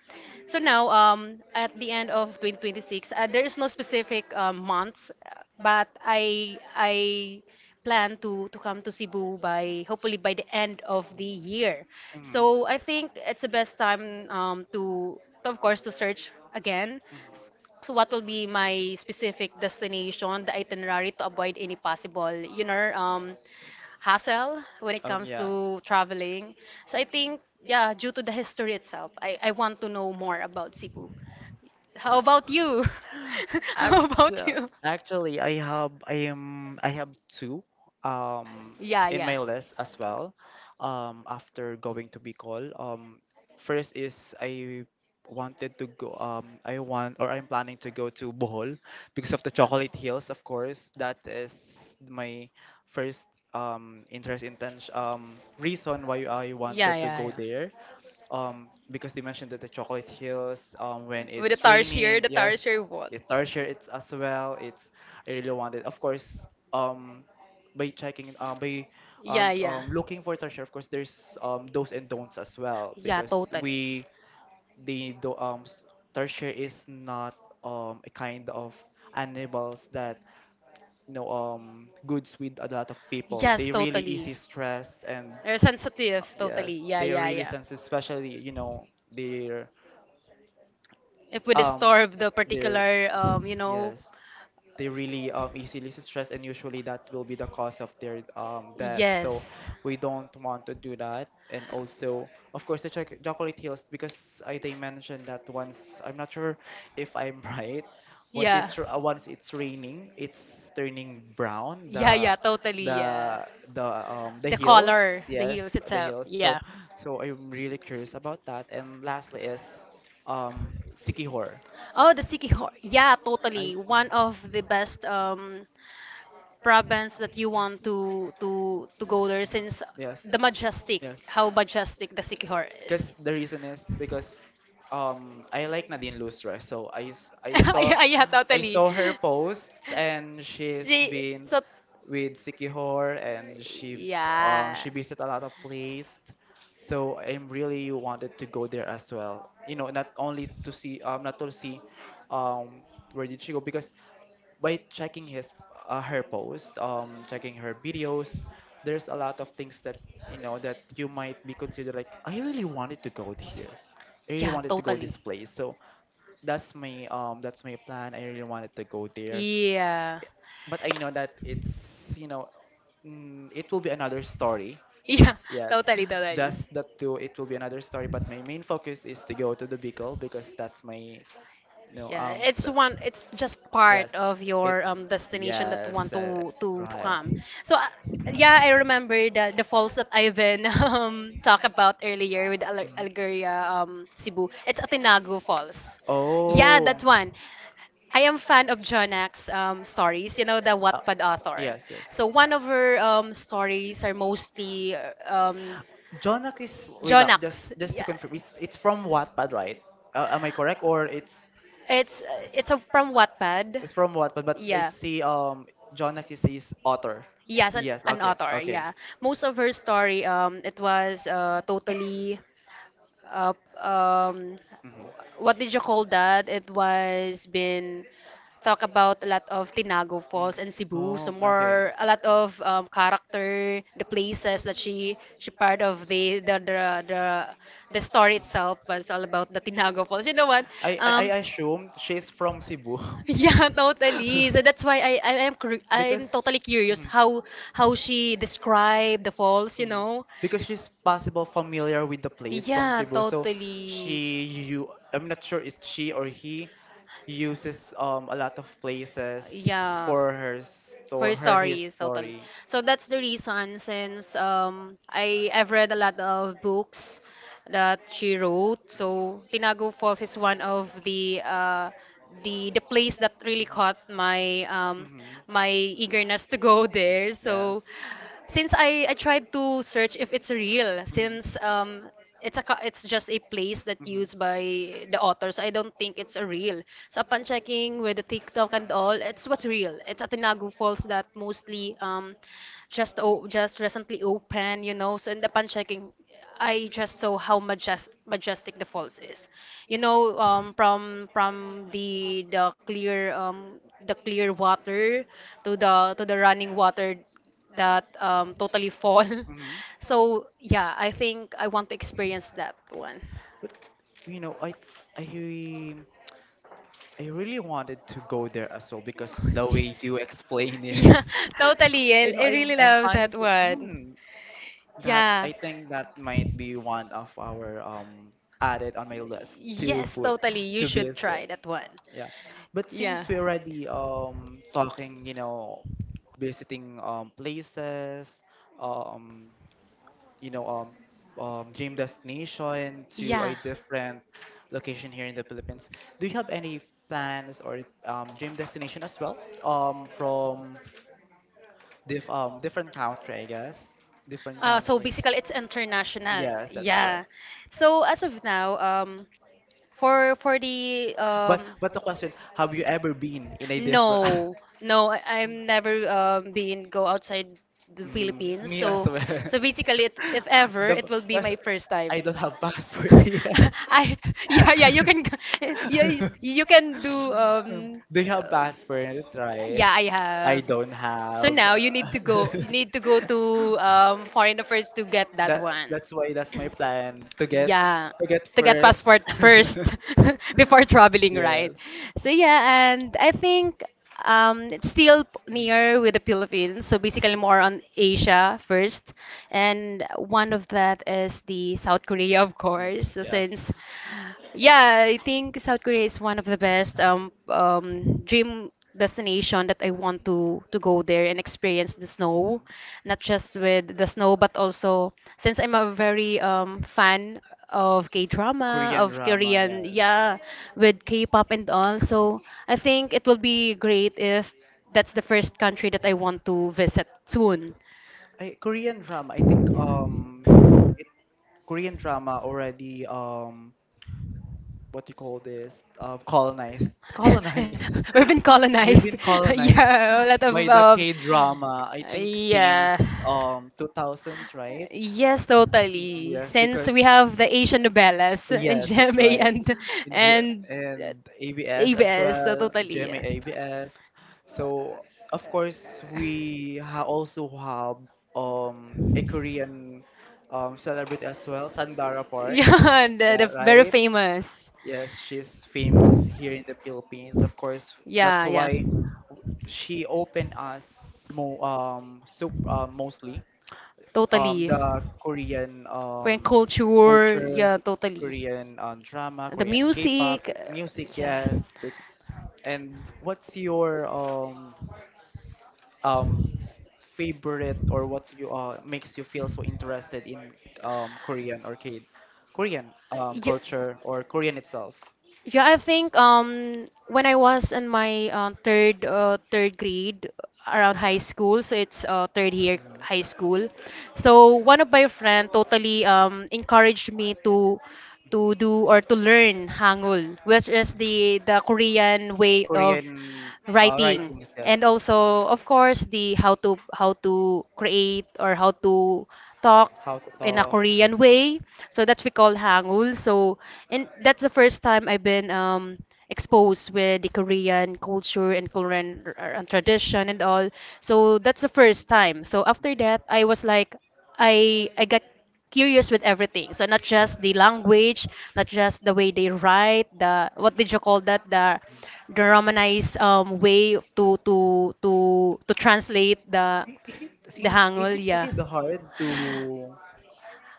Speaker 2: So now, at the end of 2026, there is no specific months, but I plan to come to Cebu, by hopefully by the end of the year.
Speaker 1: Mhm.
Speaker 2: So I think it's the best time to, of course, to search again. S-
Speaker 1: Mhm.
Speaker 2: So what will be my specific destination, the itinerary to avoid any possible, hassle when it comes to traveling. So I think, yeah, due to the history itself, I want to know more about Cebu. How about you? <laughs> How
Speaker 1: Actu
Speaker 2: about you?
Speaker 1: actually, I have two um
Speaker 2: Yeah,
Speaker 1: in
Speaker 2: yeah.
Speaker 1: my list as well. After going to Bicol, first is, I wanted to go, I want, or I'm planning to go to Bohol because of the chocolate hills, of course. That is my first, interest, intention, reason why I
Speaker 2: Yeah,
Speaker 1: wanted to
Speaker 2: yeah,
Speaker 1: go
Speaker 2: yeah.
Speaker 1: there, because they mentioned that the chocolate heals when
Speaker 2: With the
Speaker 1: it's
Speaker 2: tarsier,
Speaker 1: raining, yes.
Speaker 2: what?
Speaker 1: It, torture, it's as well, it's, I really wanted, of course, um by checking it, by,
Speaker 2: Yeah, yeah.
Speaker 1: looking for torture, of course. There's those and don'ts as well,
Speaker 2: Yeah,
Speaker 1: because
Speaker 2: totally.
Speaker 1: we, the do um s- torture is not a kind of animals that, goods with a lot of people.
Speaker 2: Yes,
Speaker 1: They really
Speaker 2: totally.
Speaker 1: easy stressed, and,
Speaker 2: They're sensitive, totally.
Speaker 1: yes,
Speaker 2: Yeah,
Speaker 1: they're
Speaker 2: yeah,
Speaker 1: really
Speaker 2: yeah.
Speaker 1: sensitive, especially, their,
Speaker 2: If we
Speaker 1: um
Speaker 2: disturb the
Speaker 1: their,
Speaker 2: particular, you know,
Speaker 1: yes, they really, easily stress, and usually that will be the cause of their, death, so
Speaker 2: yes,
Speaker 1: we don't want to do that. And also, of course, the chocolate hills, because they mentioned that, once, I'm not sure if I'm <laughs> right,
Speaker 2: yeah,
Speaker 1: once it's raining, it's turning brown,
Speaker 2: yeah, yeah, totally. Yeah,
Speaker 1: the the the
Speaker 2: the
Speaker 1: hills,
Speaker 2: color, the heels
Speaker 1: yes, the
Speaker 2: itself.
Speaker 1: hills. so
Speaker 2: Yeah.
Speaker 1: so I'm really curious about that. And lastly is sikihor.
Speaker 2: Oh, the Sikihor. Yeah,
Speaker 1: I
Speaker 2: totally. One of the best province that you want to go there, since
Speaker 1: Yes.
Speaker 2: the majestic,
Speaker 1: Yes.
Speaker 2: how majestic the Sikihor is.
Speaker 1: Because the reason is because I like Nadine Lustre, so I s- I
Speaker 2: <laughs>
Speaker 1: saw
Speaker 2: Yeah, yeah,
Speaker 1: I
Speaker 2: totally.
Speaker 1: saw her post, and
Speaker 2: <laughs>
Speaker 1: she's
Speaker 2: See,
Speaker 1: been
Speaker 2: so
Speaker 1: with Sikihor, and she um
Speaker 2: yeah.
Speaker 1: she visited a lot of place. So I'm really wanted to go there as well. You know, not only to see, not to see where did she go, because by checking his her post, checking her videos, there's a lot of things that, that you might be considered, like, I really wanted to go here, I really
Speaker 2: Yeah,
Speaker 1: wanted to go
Speaker 2: totally.
Speaker 1: this place. So that's my, that's my plan. I really wanted to go there,
Speaker 2: Yeah.
Speaker 1: but I know that, it's you know mm, it will be another story.
Speaker 2: <laughs> Yeah,
Speaker 1: Yes,
Speaker 2: totally, totally.
Speaker 1: that's that too. It will be another story. But my main focus is to go to the Bicol because that's my, no,
Speaker 2: Yeah, it's
Speaker 1: so,
Speaker 2: one. It's just part
Speaker 1: yes,
Speaker 2: of your
Speaker 1: it's,
Speaker 2: destination that
Speaker 1: yes,
Speaker 2: want
Speaker 1: that is
Speaker 2: to
Speaker 1: right.
Speaker 2: come. So, yeah, I remember the falls that Ivan <laughs> talked about earlier, with Al
Speaker 1: Mhm.
Speaker 2: Algeria, Cebu. It's Atinagu Falls. Yeah,
Speaker 1: Oh,
Speaker 2: that one. I am fan of Jonak's stories, the Wattpad author.
Speaker 1: yes, yes.
Speaker 2: So one of her stories are mostly
Speaker 1: Jonak is, wait lang, just
Speaker 2: Jonax.
Speaker 1: just to
Speaker 2: Yeah.
Speaker 1: confirm, it's from Wattpad, right? Am I correct, or it's
Speaker 2: It's it's from Wattpad.
Speaker 1: it's from Wattpad, but
Speaker 2: Yeah.
Speaker 1: it's the, Jonak is his author.
Speaker 2: Yes, an,
Speaker 1: Yes,
Speaker 2: an
Speaker 1: okay,
Speaker 2: author.
Speaker 1: okay.
Speaker 2: Yeah. Most of her story, it was totally, uh, um,
Speaker 1: Hmm.
Speaker 2: what did you call that? It was been talk about a lot of Tinago
Speaker 1: Mm.
Speaker 2: Falls and Cebu, so
Speaker 1: Oh, okay.
Speaker 2: more a lot
Speaker 1: Mm.
Speaker 2: of character, the places that she part of the story itself was all about the Tinago Falls. You know what?
Speaker 1: I
Speaker 2: Um, <laughs>
Speaker 1: assume she's from Cebu.
Speaker 2: Yeah, totally. So that's why
Speaker 1: <laughs>
Speaker 2: I'm
Speaker 1: Because
Speaker 2: totally curious
Speaker 1: mhm.
Speaker 2: how she described the falls, you
Speaker 1: Mm.
Speaker 2: know?
Speaker 1: Because she's possible familiar with the place from
Speaker 2: Yeah,
Speaker 1: Cebu, so
Speaker 2: totally.
Speaker 1: she you I'm not sure if she or he uses a lot of places
Speaker 2: Yeah.
Speaker 1: for her store,
Speaker 2: Her
Speaker 1: her, his
Speaker 2: stories, totally.
Speaker 1: story.
Speaker 2: So that's the reason, since I've read a lot of books that she wrote. So Tinago Falls is one of the place that really caught my um
Speaker 1: Mhm.
Speaker 2: my eagerness to go there.
Speaker 1: Yes.
Speaker 2: So since I tried to search if it's real, since it's just a place that
Speaker 1: Mhm. Mhm.
Speaker 2: used by the author, so I don't think it's a real. So upon checking with the TikTok and all, it's what's real, it's a Tinagu Falls that mostly just recently opened, so in the upon checking, I just saw how majestic the falls is, from the clear water, to the running water that totally fall. <laughs>
Speaker 1: Mhm.
Speaker 2: So yeah, I think I want to experience that one.
Speaker 1: But you know, I I really wanted to go there as well, because the way you explain
Speaker 2: <laughs>
Speaker 1: it,
Speaker 2: Yeah, <laughs> totally.
Speaker 1: <laughs> you
Speaker 2: I,
Speaker 1: know,
Speaker 2: I
Speaker 1: I'm
Speaker 2: really
Speaker 1: I'm
Speaker 2: love that
Speaker 1: planning to.
Speaker 2: one.
Speaker 1: Mm, that
Speaker 2: Yeah.
Speaker 1: I think that might be one of our, added on my list to
Speaker 2: Yes,
Speaker 1: put
Speaker 2: totally. You
Speaker 1: to
Speaker 2: should try
Speaker 1: visit.
Speaker 2: that one.
Speaker 1: Yeah, but
Speaker 2: Yeah.
Speaker 1: since we're already talking, you know, visiting places, um you know um, dream destination to
Speaker 2: Yeah.
Speaker 1: a different location here in the Philippines. Do you have any plans or dream destination as well, from different country, I guess? Different
Speaker 2: So
Speaker 1: country.
Speaker 2: basically, it's international.
Speaker 1: Yes, that's right.
Speaker 2: Yeah. So as of now, for the
Speaker 1: But but the question, have you ever been in a different?
Speaker 2: No,
Speaker 1: <laughs>
Speaker 2: no, I'm never been go outside the
Speaker 1: Mm,
Speaker 2: Philippines.
Speaker 1: me as
Speaker 2: So,
Speaker 1: well. <laughs>
Speaker 2: so basically, if ever,
Speaker 1: The
Speaker 2: it will be
Speaker 1: Because
Speaker 2: my first time.
Speaker 1: I don't have passport
Speaker 2: <laughs>
Speaker 1: yet.
Speaker 2: I yeah, yeah, you can. <laughs> You can
Speaker 1: <laughs>
Speaker 2: do
Speaker 1: Do you have passport, right?
Speaker 2: yeah, I
Speaker 1: I
Speaker 2: have.
Speaker 1: don't
Speaker 2: So
Speaker 1: have.
Speaker 2: now,
Speaker 1: <laughs>
Speaker 2: you need to go to foreign affairs to get that
Speaker 1: that
Speaker 2: one,
Speaker 1: that's why that's my plan, to get
Speaker 2: yeah,
Speaker 1: to get
Speaker 2: to get
Speaker 1: first.
Speaker 2: passport first.
Speaker 1: <laughs>
Speaker 2: <laughs> Before traveling, right?
Speaker 1: Yes.
Speaker 2: So yeah, and I think, it's still
Speaker 1: Mm,
Speaker 2: near with the Philippines, so basically more on Asia first, and one of that is the South Korea, of course. So
Speaker 1: yes.
Speaker 2: since yeah, I think South Korea is one of the best dream destination that I want to go there and experience the snow,
Speaker 1: Mhm.
Speaker 2: not just with the snow, but also since I'm a very fan of K-drama,
Speaker 1: Korean
Speaker 2: of
Speaker 1: drama,
Speaker 2: Korean,
Speaker 1: yes.
Speaker 2: yeah, with K-pop and all.
Speaker 1: Mm-hmm.
Speaker 2: So I think it will be great if that's the first country that I want to visit soon.
Speaker 1: I, Korean drama, I think, it, Korean drama already, what you call this, colonized,
Speaker 2: <laughs> We've been
Speaker 1: <laughs> we've been
Speaker 2: colonized. <laughs>
Speaker 1: colonized
Speaker 2: Yeah, a lot
Speaker 1: by
Speaker 2: of
Speaker 1: the K drama, I think, since
Speaker 2: yeah.
Speaker 1: 2000s, right.
Speaker 2: Yes,
Speaker 1: Mm,
Speaker 2: totally.
Speaker 1: yes,
Speaker 2: Since
Speaker 1: because,
Speaker 2: we have the Asian novellas in <laughs>
Speaker 1: yes, that's
Speaker 2: GMA
Speaker 1: right,
Speaker 2: and
Speaker 1: in
Speaker 2: and uh,
Speaker 1: and ABS as
Speaker 2: ABS, so
Speaker 1: well,
Speaker 2: totally yeah.
Speaker 1: GMA. So, of course, we ha also have a
Speaker 2: <laughs>
Speaker 1: Korean celebrity as well, Sandara Park.
Speaker 2: Yeah,
Speaker 1: <laughs>
Speaker 2: the,
Speaker 1: Yeah,
Speaker 2: the very
Speaker 1: right?
Speaker 2: famous.
Speaker 1: Yes, she's famous here in the Philippines. Of course, that's
Speaker 2: Yeah, yeah.
Speaker 1: why she opened us, mo so mostly
Speaker 2: Totally.
Speaker 1: the Korean
Speaker 2: Korean culture,
Speaker 1: culture,
Speaker 2: yeah, totally.
Speaker 1: Korean drama,
Speaker 2: The
Speaker 1: Korean K-pop
Speaker 2: music,
Speaker 1: music.
Speaker 2: yeah.
Speaker 1: Yes, and what's your, um favorite, or what you, makes you feel so interested in Korean or K Korean
Speaker 2: Yeah.
Speaker 1: culture, or Korean itself?
Speaker 2: Yeah, I think when I was in my third grade, around high school, so it's third year
Speaker 1: Mhm, mhm,
Speaker 2: high school. So one of my friend totally encouraged me to do or to learn Hangul, which is
Speaker 1: mhm.
Speaker 2: the Korean way of
Speaker 1: Korean,
Speaker 2: writing.
Speaker 1: writings,
Speaker 2: And
Speaker 1: yes.
Speaker 2: also, of course, the how to create or how to talk
Speaker 1: How to
Speaker 2: in a
Speaker 1: talk.
Speaker 2: Korean way. So that's we call Hangul. So and that's the first time I've been exposed with the Korean culture, and Korean and tradition and all. So that's the first time. So after that, I was like, I got curious with everything. So not just the language, not just the way they write, the what did you call that? The Romanized way to translate the
Speaker 1: I- Is it
Speaker 2: the
Speaker 1: since
Speaker 2: Hangul.
Speaker 1: is
Speaker 2: Yeah.
Speaker 1: it hard to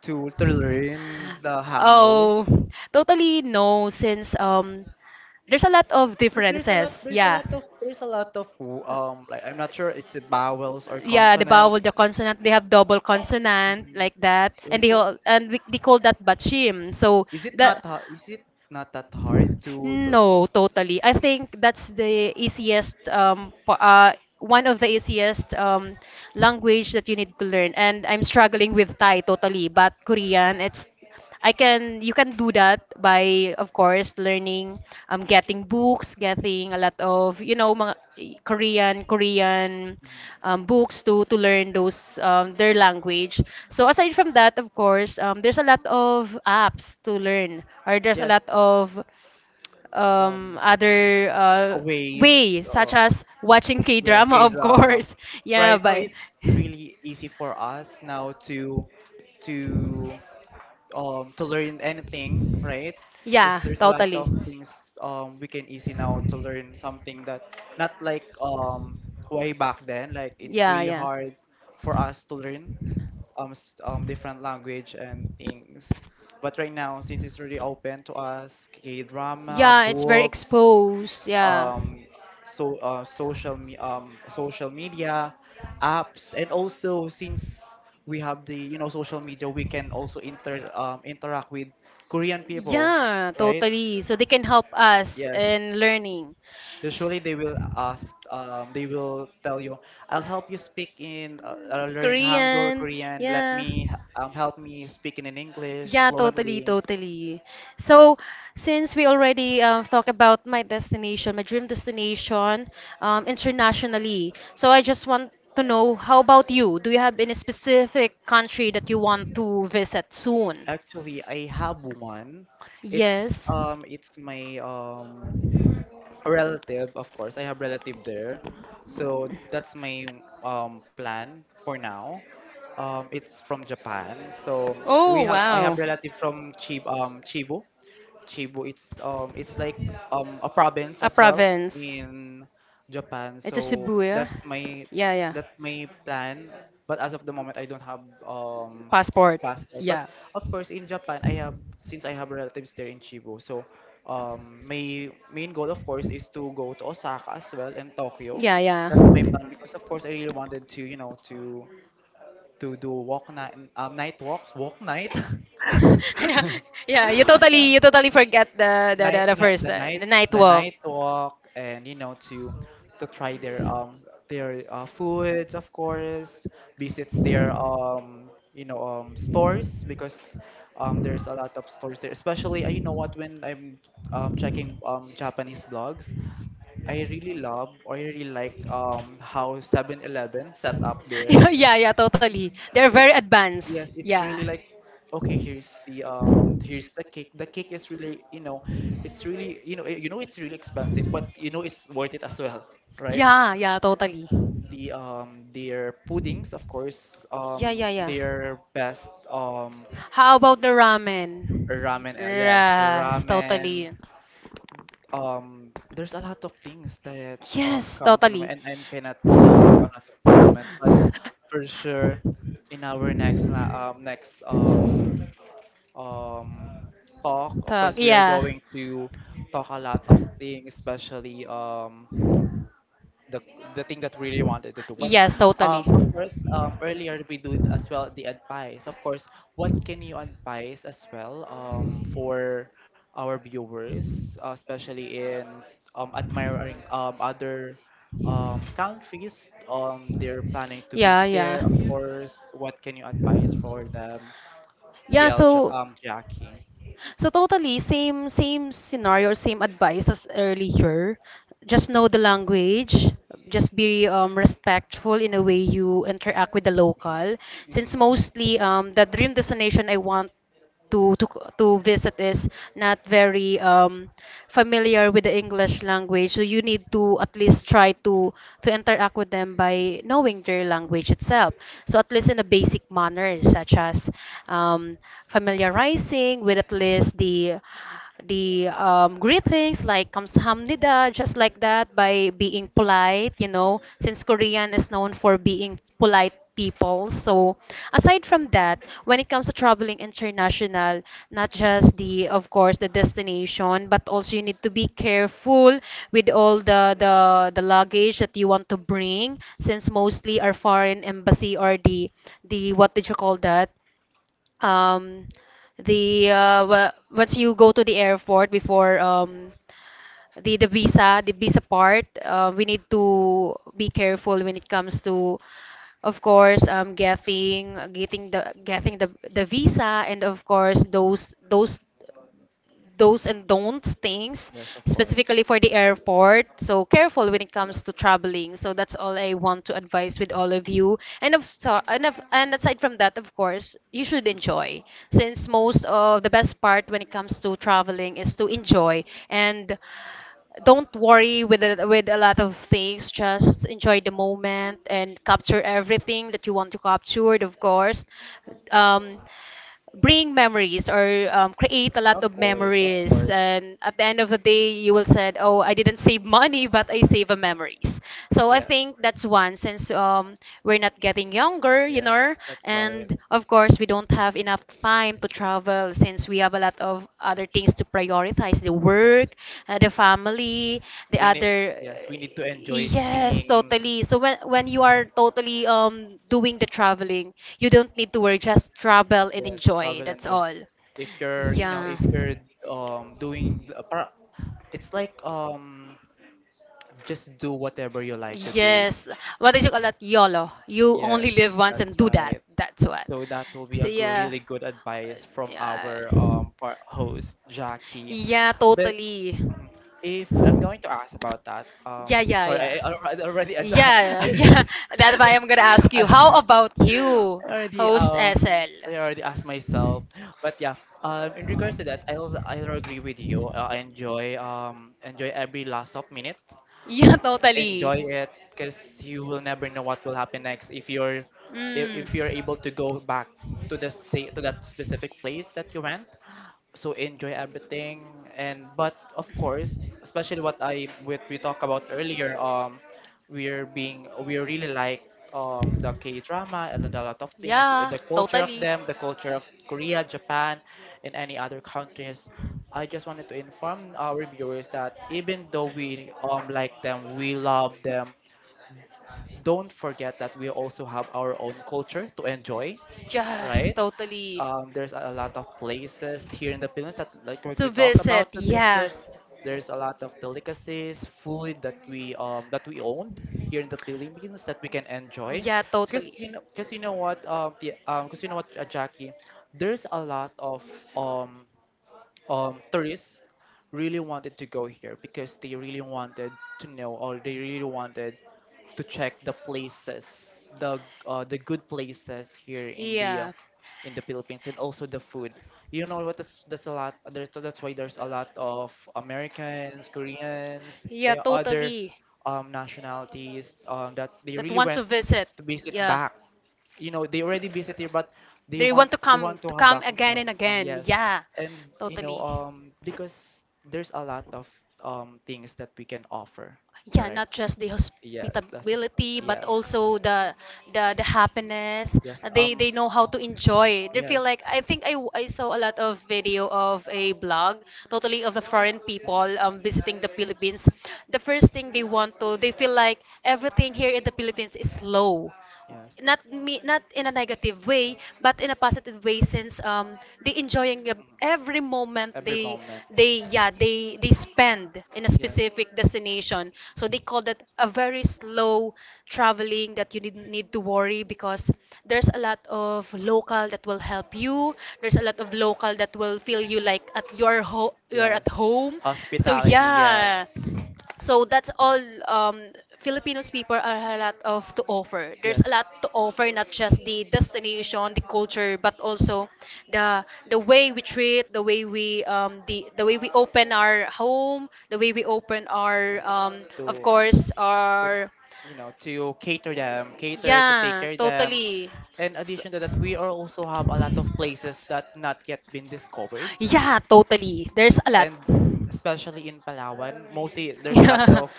Speaker 1: to learn the Hangul?
Speaker 2: Oh, totally no, since there's a lot of
Speaker 1: Because
Speaker 2: differences.
Speaker 1: there's a
Speaker 2: Yeah.
Speaker 1: lot of there's a lot of like, I'm not sure it's vowels or
Speaker 2: Yeah, the
Speaker 1: consonants.
Speaker 2: vowel, the consonant, they have double consonant
Speaker 1: Mhm.
Speaker 2: like that,
Speaker 1: Yeah, so
Speaker 2: and we, they call that bachim. So
Speaker 1: is it not
Speaker 2: that
Speaker 1: ha- is it not that hard to
Speaker 2: No, totally. I think that's one of the easiest language that you need to learn. And I'm struggling with Thai totally, but Korean, it's I can you can do that by, of course, learning, getting books, getting a lot of, mga Korean,
Speaker 1: Mhm.
Speaker 2: books to learn those their language. So aside from that, of course, there's a lot of apps to learn, or there's a
Speaker 1: Yes,
Speaker 2: lot of
Speaker 1: um
Speaker 2: other
Speaker 1: ways,
Speaker 2: ways, such as watching K
Speaker 1: yes,
Speaker 2: drama,
Speaker 1: K
Speaker 2: of
Speaker 1: drama.
Speaker 2: course. <laughs> Yeah,
Speaker 1: Right now,
Speaker 2: but
Speaker 1: it's really easy for us now to to to learn anything, right? Is,
Speaker 2: yeah,
Speaker 1: there's a lot
Speaker 2: totally.
Speaker 1: of things, we can easy now to learn something that not like, way back then, like, it's
Speaker 2: Yeah,
Speaker 1: really
Speaker 2: yeah.
Speaker 1: hard for us to learn different language and things. But right now, since it's really open to us, K drama,
Speaker 2: Yeah, it's very
Speaker 1: books,
Speaker 2: exposed. Yeah.
Speaker 1: um, so, social, me social media apps, and also, since we have, the you know, social media, we can also interact with Korean people,
Speaker 2: Yeah,
Speaker 1: right?
Speaker 2: totally. So they can help us
Speaker 1: Yes.
Speaker 2: in learning.
Speaker 1: Usually they will they will tell you, I'll help you learn Hangul,
Speaker 2: Korean,
Speaker 1: Korean. Let
Speaker 2: yeah.
Speaker 1: me help me speaking in English
Speaker 2: Yeah, totally,
Speaker 1: fluently.
Speaker 2: totally. So, since we already talked about my destination, my dream destination, internationally, so I just want to know, how about you? Do you have any specific country that you want to visit soon?
Speaker 1: Actually, I have one.
Speaker 2: Yes.
Speaker 1: It's my a relative, of course. I have relative there. So that's my plan for now. It's from Japan. So
Speaker 2: Oh,
Speaker 1: we have I have
Speaker 2: wow.
Speaker 1: relative from Chibu. Chibu. It's like a province
Speaker 2: A
Speaker 1: as well
Speaker 2: province.
Speaker 1: in Japan.
Speaker 2: It's a
Speaker 1: So
Speaker 2: Shibuya.
Speaker 1: that's my
Speaker 2: Yeah, yeah, yeah.
Speaker 1: that's my plan. But as of the moment, I don't have um
Speaker 2: Passport.
Speaker 1: passport. But
Speaker 2: Yeah.
Speaker 1: of course, in Japan, I have since I have relatives there in Chibu. So my main goal, of course, is to go to Osaka as well and Tokyo.
Speaker 2: Yeah, yeah.
Speaker 1: That's my plan,
Speaker 2: <laughs>
Speaker 1: because of course I really wanted to, to do walk night, night walks, walk night. <laughs>
Speaker 2: Yeah,
Speaker 1: <laughs>
Speaker 2: yeah. You totally forget the,
Speaker 1: night,
Speaker 2: the
Speaker 1: night
Speaker 2: first
Speaker 1: the night
Speaker 2: the night
Speaker 1: the
Speaker 2: walk.
Speaker 1: night walk and you know, to try their their, foods, of
Speaker 2: <laughs>
Speaker 1: course, visits their stores, because there's a lot of stores there, especially, you know what, when I'm checking Japanese blogs, I really love or I really like how 7-Eleven set up their,
Speaker 2: Yeah, yeah, yeah, totally. They're very
Speaker 1: it's yes,
Speaker 2: advanced.
Speaker 1: it's
Speaker 2: Yeah.
Speaker 1: really like, okay, here's the cake. The cake is really, it's really, it's really expensive, but you know it's worth it as well, right?
Speaker 2: Yeah, yeah, totally.
Speaker 1: The their puddings, of course,
Speaker 2: Yeah, yeah, yeah.
Speaker 1: their best
Speaker 2: How about the ramen?
Speaker 1: ramen, yes,
Speaker 2: Yes,
Speaker 1: ramen.
Speaker 2: totally.
Speaker 1: There's a lot of things that
Speaker 2: Yes,
Speaker 1: comes on,
Speaker 2: totally.
Speaker 1: and I cannot list it down as of the moment, but for sure in our next um, talk. Of
Speaker 2: Talk,
Speaker 1: course, we are
Speaker 2: yeah.
Speaker 1: going to talk a lot of things, especially the thing that we really wanted to do. But
Speaker 2: Yes, totally.
Speaker 1: of course, earlier we did as well the advice. Of course, what can you advise as well for our viewers, especially in admiring other countries they're planning to
Speaker 2: Yeah,
Speaker 1: visit
Speaker 2: yeah.
Speaker 1: there. Of course, what can you advise for them,
Speaker 2: Yeah,
Speaker 1: TL
Speaker 2: so
Speaker 1: Jackie?
Speaker 2: so totally, same scenario, same advice as earlier. Just know the language. Just be respectful in a way you interact with the local. Since
Speaker 1: Mhm.
Speaker 2: mostly the dream destination I want to to to visit is not very familiar with the English language, so you need to at least try to interact with them by knowing their language
Speaker 1: Mhm.
Speaker 2: itself. So at least in the basic manners, such as um, familiarizing with at least the greetings like kamsahamnida, just like that, by being polite, you know, since Korean is known for being polite people. So aside from that, when it comes to traveling international, not just of course, the destination, but also you need to be careful with all the luggage that you want to bring, since mostly our foreign embassy or what did you call that? um Once you go to the airport before the visa part, we need to be careful when it comes to, of course, getting, getting the visa, and of course those do's
Speaker 1: Mhm.
Speaker 2: and don'ts things
Speaker 1: Yes, of course.
Speaker 2: specifically for the airport. So careful when it comes to traveling. So that's all I want to advise with all of you. And of, so- and of and aside from that, of course, you should enjoy, since most of the best part when it comes to traveling is to enjoy. And don't worry with with a lot of things. Just enjoy the moment and capture everything that you want to capture, of course. um, Bring memories, or create a lot
Speaker 1: Of
Speaker 2: of
Speaker 1: course, of
Speaker 2: memories,
Speaker 1: course.
Speaker 2: and at the end of the day you will said, oh, I didn't save money <laughs> but I save a memories. So I
Speaker 1: Yes,
Speaker 2: think that's one, since we're not getting younger, you
Speaker 1: yes,
Speaker 2: know.
Speaker 1: that's right.
Speaker 2: And of course we don't have enough time to travel, since we have a lot of other things to prioritize: the
Speaker 1: Yes,
Speaker 2: work, the family, the
Speaker 1: we need.
Speaker 2: other.
Speaker 1: Yes, we need to enjoy
Speaker 2: Yes,
Speaker 1: things.
Speaker 2: totally. So when you are totally doing the traveling, you don't need to worry, just travel and
Speaker 1: Yes,
Speaker 2: enjoy.
Speaker 1: travel and
Speaker 2: That's
Speaker 1: enjoy.
Speaker 2: all.
Speaker 1: If you're,
Speaker 2: Yeah.
Speaker 1: if you're doing, it's like just do whatever you like to do.
Speaker 2: Yes. What did you call that? YOLO.
Speaker 1: Mhm.
Speaker 2: You only
Speaker 1: Yes,
Speaker 2: live once
Speaker 1: that's
Speaker 2: and do that.
Speaker 1: right.
Speaker 2: That's what.
Speaker 1: So that will be
Speaker 2: So
Speaker 1: a good,
Speaker 2: yeah.
Speaker 1: really good advice from
Speaker 2: Yeah,
Speaker 1: our host Jackie.
Speaker 2: yeah,
Speaker 1: But,
Speaker 2: totally.
Speaker 1: mhm, if I'm going to ask about that,
Speaker 2: Yeah, yeah,
Speaker 1: sorry,
Speaker 2: yeah.
Speaker 1: I alre- already ad-
Speaker 2: Yeah, yeah.
Speaker 1: <laughs>
Speaker 2: <laughs> That's why I'm gonna ask you. How
Speaker 1: I
Speaker 2: about you,
Speaker 1: already
Speaker 2: host
Speaker 1: um
Speaker 2: SL?
Speaker 1: I already asked myself, but yeah, in regards to that, I'll agree with you. I enjoy every last of minute,
Speaker 2: Yeah, <laughs> totally.
Speaker 1: enjoy it because you will never know what will happen next
Speaker 2: Mm.
Speaker 1: if you're able to go back to to that specific place that you went, so enjoy everything. And but of course, especially what we talked about earlier, we really like the K drama and a lot of things,
Speaker 2: Yeah,
Speaker 1: the culture of
Speaker 2: totally.
Speaker 1: them, the culture of Korea, Japan, and any other countries. I just wanted to inform our viewers that even though we like them, we love them, don't forget that we also have our own culture to enjoy,
Speaker 2: Yes,
Speaker 1: right?
Speaker 2: totally.
Speaker 1: There's a lot of places here in the Philippines that, like what
Speaker 2: To
Speaker 1: we talk
Speaker 2: visit,
Speaker 1: about, to
Speaker 2: yeah.
Speaker 1: visit. There's a lot of delicacies, food that we owned here in the Philippines that we can enjoy.
Speaker 2: Yeah, totally.
Speaker 1: Because you know what, because you know what, Jackie, there's a lot of um tourists really wanted to go here because they really wanted to know, or they really wanted to check the places, the good places here
Speaker 2: Yeah,
Speaker 1: in the Philippines, and also the food. You know what? That's a lot. That's why there's a lot of Americans, Koreans,
Speaker 2: yeah,
Speaker 1: eh, other
Speaker 2: totally.
Speaker 1: nationalities that they
Speaker 2: That
Speaker 1: really
Speaker 2: want to
Speaker 1: went
Speaker 2: visit.
Speaker 1: to visit
Speaker 2: Yeah.
Speaker 1: back. You know they already visit here, but
Speaker 2: They want
Speaker 1: they want to
Speaker 2: to
Speaker 1: come
Speaker 2: come
Speaker 1: back,
Speaker 2: again and
Speaker 1: oh,
Speaker 2: again.
Speaker 1: yes.
Speaker 2: Yeah,
Speaker 1: And you know
Speaker 2: totally.
Speaker 1: because there's a lot of things that we can offer. All
Speaker 2: Yeah,
Speaker 1: right.
Speaker 2: not just the
Speaker 1: Yeah, that's
Speaker 2: hospitability, but
Speaker 1: yes.
Speaker 2: also the happiness.
Speaker 1: Yes,
Speaker 2: They know how to enjoy. They feel
Speaker 1: yes.
Speaker 2: like, I think I saw a lot of video of a blog, totally, of the foreign people visiting the Philippines. The first thing they want to, they feel like everything here in the Philippines is slow.
Speaker 1: Yes.
Speaker 2: Not me, not in a
Speaker 1: Mhm.
Speaker 2: negative way but in a positive way, since they enjoying every moment
Speaker 1: Every
Speaker 2: they,
Speaker 1: moment.
Speaker 2: they spend in a
Speaker 1: Yes.
Speaker 2: specific destination, so they call that a very slow traveling, that you didn't need to worry because there's a lot of local that will help you, there's a lot of local that will feel you like at your home, you're at
Speaker 1: Yes.
Speaker 2: home. So
Speaker 1: Hospitality, yes.
Speaker 2: yeah, so that's all. um, Filipinos people are a lot of to offer. There's a
Speaker 1: Yes.
Speaker 2: lot to offer, not just the destination, the culture, but also the the way we treat, the way we, the way we open our home, the way we open our of
Speaker 1: to
Speaker 2: course
Speaker 1: to
Speaker 2: our,
Speaker 1: you know to cater them, cater to take
Speaker 2: yeah,
Speaker 1: care them.
Speaker 2: totally.
Speaker 1: In
Speaker 2: So,
Speaker 1: addition to that, we are also have a lot of places that not yet been discovered.
Speaker 2: yeah, totally. There's a lot.
Speaker 1: And
Speaker 2: <laughs>
Speaker 1: especially in Palawan, mostly there's a lot
Speaker 2: Yeah.
Speaker 1: of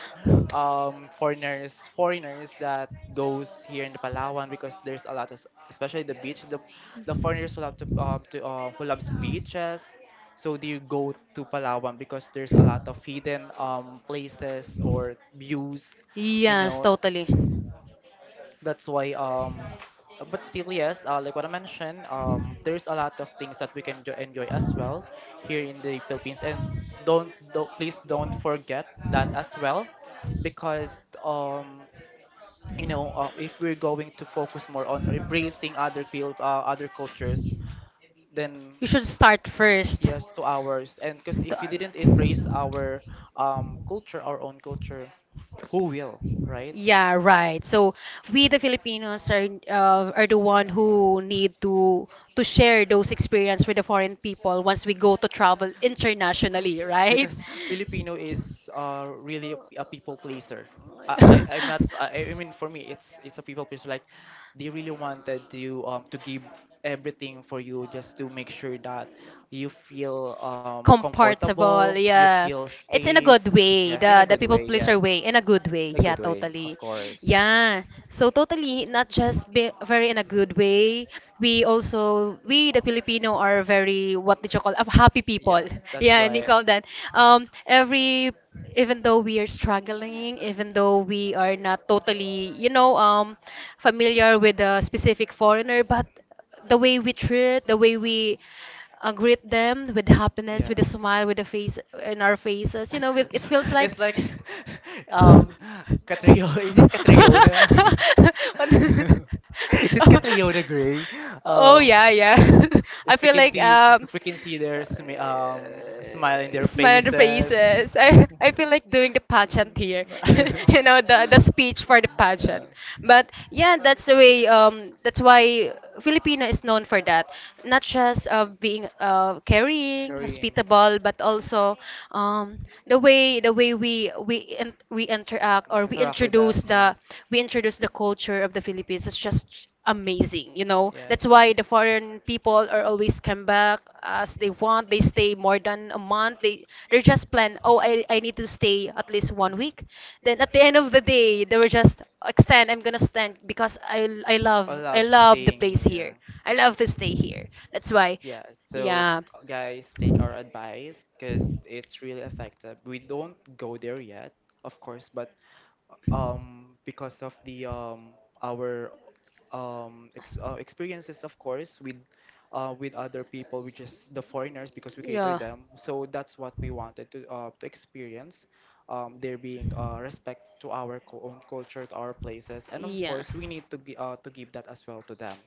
Speaker 1: foreigners that goes here in the Palawan because there's a lot of, especially the beach, the foreigners who love to, who loves beaches, so they go to Palawan because there's a lot of hidden places or views, you
Speaker 2: Yes,
Speaker 1: know.
Speaker 2: totally.
Speaker 1: That's why but still, yes, like what I mentioned, there's a lot of things that we can enjoy as well here in the Philippines, and don't, please don't forget that as well, because you know, if we're going to focus more on embracing other cultures, then
Speaker 2: You should start first.
Speaker 1: yes, to ours. And because if we didn't
Speaker 2: The-
Speaker 1: embrace our culture, our own culture, who will, right?
Speaker 2: Yeah, right. So we the Filipinos are, are the one who
Speaker 1: Mm.
Speaker 2: need to share those experience with the foreign people once we go to travel internationally, right?
Speaker 1: Because Filipino is, really a people pleaser. I'm not. I mean, for me, it's a people pleaser. Like
Speaker 2: <laughs>
Speaker 1: they really wanted you to give everything for you just to make sure that you feel comfortable,
Speaker 2: Comfortable.
Speaker 1: you
Speaker 2: Yeah.
Speaker 1: feel
Speaker 2: It's in a
Speaker 1: safe.
Speaker 2: good way.
Speaker 1: Yes, in a
Speaker 2: The
Speaker 1: good
Speaker 2: people
Speaker 1: way.
Speaker 2: pleaser
Speaker 1: Yes,
Speaker 2: way in a good way.
Speaker 1: in a
Speaker 2: Yeah,
Speaker 1: good way, of
Speaker 2: totally.
Speaker 1: course.
Speaker 2: Yeah. So totally, not just be very in a good way. We also, we the Filipino are very, what did you call, happy people.
Speaker 1: Yes,
Speaker 2: <laughs>
Speaker 1: that's
Speaker 2: Yeah, and you
Speaker 1: right.
Speaker 2: call that. Every, even though we are struggling, even though we are not totally, you know, familiar with a specific foreigner, but the way we treat, the way we, greet them with happiness, with a
Speaker 1: Yes.
Speaker 2: smile, with a face in our faces. You know, with, it feels
Speaker 1: <laughs>
Speaker 2: like.
Speaker 1: It's
Speaker 2: <laughs>
Speaker 1: like <laughs>
Speaker 2: What-
Speaker 1: um Catrio. Is it Catriona? <laughs>
Speaker 2: <laughs>
Speaker 1: Is it
Speaker 2: Oh,
Speaker 1: Catriona Gray?
Speaker 2: oh
Speaker 1: Um
Speaker 2: yeah, yeah.
Speaker 1: <laughs>
Speaker 2: <laughs> I
Speaker 1: if we
Speaker 2: feel
Speaker 1: can
Speaker 2: like
Speaker 1: see <laughs> if we can see their smile in their
Speaker 2: smile <laughs> on their
Speaker 1: faces.
Speaker 2: faces. I feel like doing the
Speaker 1: <laughs>
Speaker 2: pageant here, <laughs> you
Speaker 1: Mm.
Speaker 2: know, the speech for the
Speaker 1: <laughs> Yeah.
Speaker 2: pageant. But yeah, that's the way. That's why Filipino is known for that, not just being caring,
Speaker 1: Carrying.
Speaker 2: hospitable, but also um, the way, we interact or
Speaker 1: Mm,
Speaker 2: we
Speaker 1: interact with them,
Speaker 2: introduce the,
Speaker 1: yes.
Speaker 2: we introduce the culture of the Philippines. It's just amazing, you know, that's
Speaker 1: Yes.
Speaker 2: why the foreign people are always come back, as they want, they stay more than a month. They they're just plan, oh, I need to stay at least one
Speaker 1: Mhm.
Speaker 2: week, then at the end of the day they were just extend, I'm gonna stand because I love,
Speaker 1: All
Speaker 2: I
Speaker 1: allowed to
Speaker 2: love the
Speaker 1: staying
Speaker 2: place here,
Speaker 1: here.
Speaker 2: I love to stay here. That's why,
Speaker 1: Yeah, so
Speaker 2: yeah,
Speaker 1: guys, take our advice because it's really effective. We don't go there yet, of course, but because of the our ex experiences, of course, with other people, which is the foreigners, because we cater
Speaker 2: yeah.
Speaker 1: them, so that's what we wanted to experience. There being respect to our own culture, to our places, and of course we need to to give that as well to them.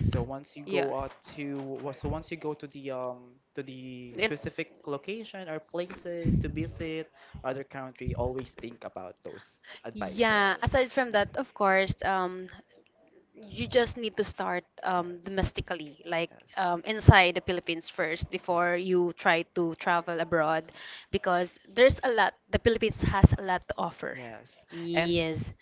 Speaker 1: So once you
Speaker 2: Yeah.
Speaker 1: go
Speaker 2: Yeah.
Speaker 1: out to so once you go to the specific location or places to visit other country, always
Speaker 2: It,
Speaker 1: think about those
Speaker 2: yeah,
Speaker 1: advices.
Speaker 2: aside from that, of course, you just need to start
Speaker 1: Yes.
Speaker 2: domestically, like
Speaker 1: Yes.
Speaker 2: inside the Philippines first
Speaker 1: Uh,
Speaker 2: before you try to travel abroad, because there's a lot, the Philippines has a lot to offer.
Speaker 1: yes. And
Speaker 2: Yes.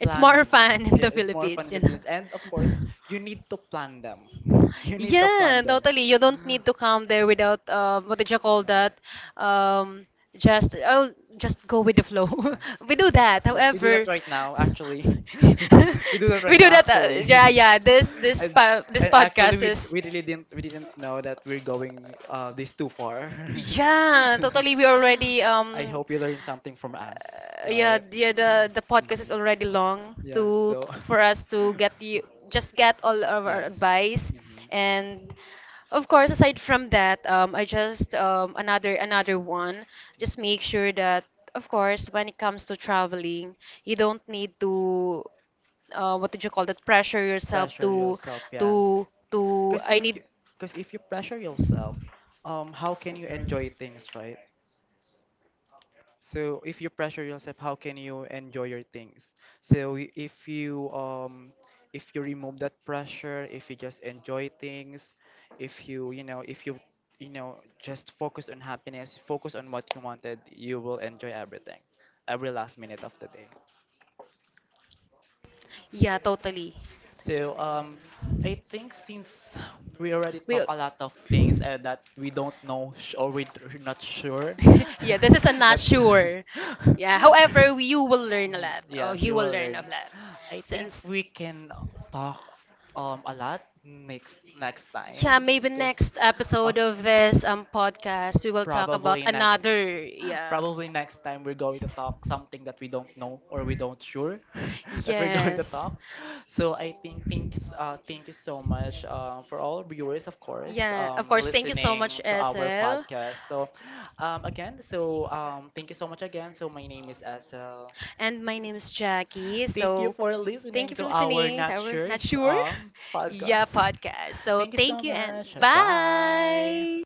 Speaker 2: It's more <laughs>
Speaker 1: plan.
Speaker 2: fun in
Speaker 1: Yeah,
Speaker 2: the
Speaker 1: it's more fun
Speaker 2: Philippines,
Speaker 1: in
Speaker 2: you
Speaker 1: the
Speaker 2: know.
Speaker 1: Philippines. And of
Speaker 2: <laughs>
Speaker 1: course, you need to plan them. <laughs> You need to
Speaker 2: Yeah,
Speaker 1: plan them.
Speaker 2: totally. You don't need to come there
Speaker 1: <gasps>
Speaker 2: without, what did you call
Speaker 1: Mm-hmm.
Speaker 2: that? Um, just oh, just go with the flow.
Speaker 1: Yes.
Speaker 2: <laughs> We do
Speaker 1: <laughs>
Speaker 2: that.
Speaker 1: Yes, we do that
Speaker 2: However,
Speaker 1: right now,
Speaker 2: <laughs>
Speaker 1: actually. <laughs> We do that
Speaker 2: we
Speaker 1: right
Speaker 2: do
Speaker 1: now,
Speaker 2: that.
Speaker 1: actually.
Speaker 2: Yeah, yeah.
Speaker 1: <laughs> And
Speaker 2: This
Speaker 1: actually,
Speaker 2: podcast
Speaker 1: we
Speaker 2: is,
Speaker 1: we really didn't, we didn't know that we're going this too far.
Speaker 2: yeah, totally. We already
Speaker 1: <laughs> I hope you learned something from us,
Speaker 2: yeah,
Speaker 1: right?
Speaker 2: yeah, the podcast is
Speaker 1: Mhm.
Speaker 2: already long
Speaker 1: Yeah.
Speaker 2: to,
Speaker 1: So.
Speaker 2: for us to get you just get all
Speaker 1: <laughs>
Speaker 2: of our
Speaker 1: Yes.
Speaker 2: advice.
Speaker 1: Mhm.
Speaker 2: And
Speaker 1: Mhm.
Speaker 2: of course aside from that, I just, another, one, just make sure that of course when it comes to traveling you don't need to, what did you call that, pressure yourself
Speaker 1: Pressure
Speaker 2: to,
Speaker 1: yourself, yes.
Speaker 2: to to,
Speaker 1: Because
Speaker 2: I
Speaker 1: if you,
Speaker 2: need,
Speaker 1: pressure yourself, how can you enjoy things, right? So if you pressure yourself, how can you enjoy your things? So if you, remove that pressure, if you just enjoy things, if you, you know if you, you know just focus on happiness, focus on what you wanted, you will enjoy everything, every last minute of the day.
Speaker 2: yeah, totally.
Speaker 1: So I think since we already
Speaker 2: We
Speaker 1: talk a lot of things and that we don't know or we're not sure,
Speaker 2: <laughs> yeah, this is a
Speaker 1: <laughs>
Speaker 2: not
Speaker 1: that
Speaker 2: sure. Yeah, however, you will learn a lot.
Speaker 1: <laughs>
Speaker 2: Or
Speaker 1: yes,
Speaker 2: you
Speaker 1: you
Speaker 2: will
Speaker 1: will
Speaker 2: learn a
Speaker 1: learn.
Speaker 2: lot.
Speaker 1: I think
Speaker 2: Since,
Speaker 1: we can talk a lot next
Speaker 2: yeah,
Speaker 1: time,
Speaker 2: maybe
Speaker 1: because
Speaker 2: next
Speaker 1: of
Speaker 2: episode of this podcast, we will talk about
Speaker 1: probably next
Speaker 2: another, yeah.
Speaker 1: probably next time we're going to talk something that we don't know or we don't sure <laughs> that we're going to
Speaker 2: Yes.
Speaker 1: talk. So I think thanks, thank you so much, for all viewers, of course,
Speaker 2: Yeah, of course. Thank you so
Speaker 1: listening
Speaker 2: much,
Speaker 1: to our
Speaker 2: SL.
Speaker 1: podcast. So again, so thank you so much again. So my name is Esel.
Speaker 2: And my name is Jackie.
Speaker 1: Thank you
Speaker 2: So
Speaker 1: for
Speaker 2: thank
Speaker 1: listening
Speaker 2: you for
Speaker 1: to our
Speaker 2: listening to
Speaker 1: Not
Speaker 2: Our
Speaker 1: Sure
Speaker 2: Not Sure? <laughs> Yeah,
Speaker 1: podcast.
Speaker 2: podcast.
Speaker 1: <laughs>
Speaker 2: So
Speaker 1: Thank you so
Speaker 2: thank you and
Speaker 1: much. Bye.
Speaker 2: bye.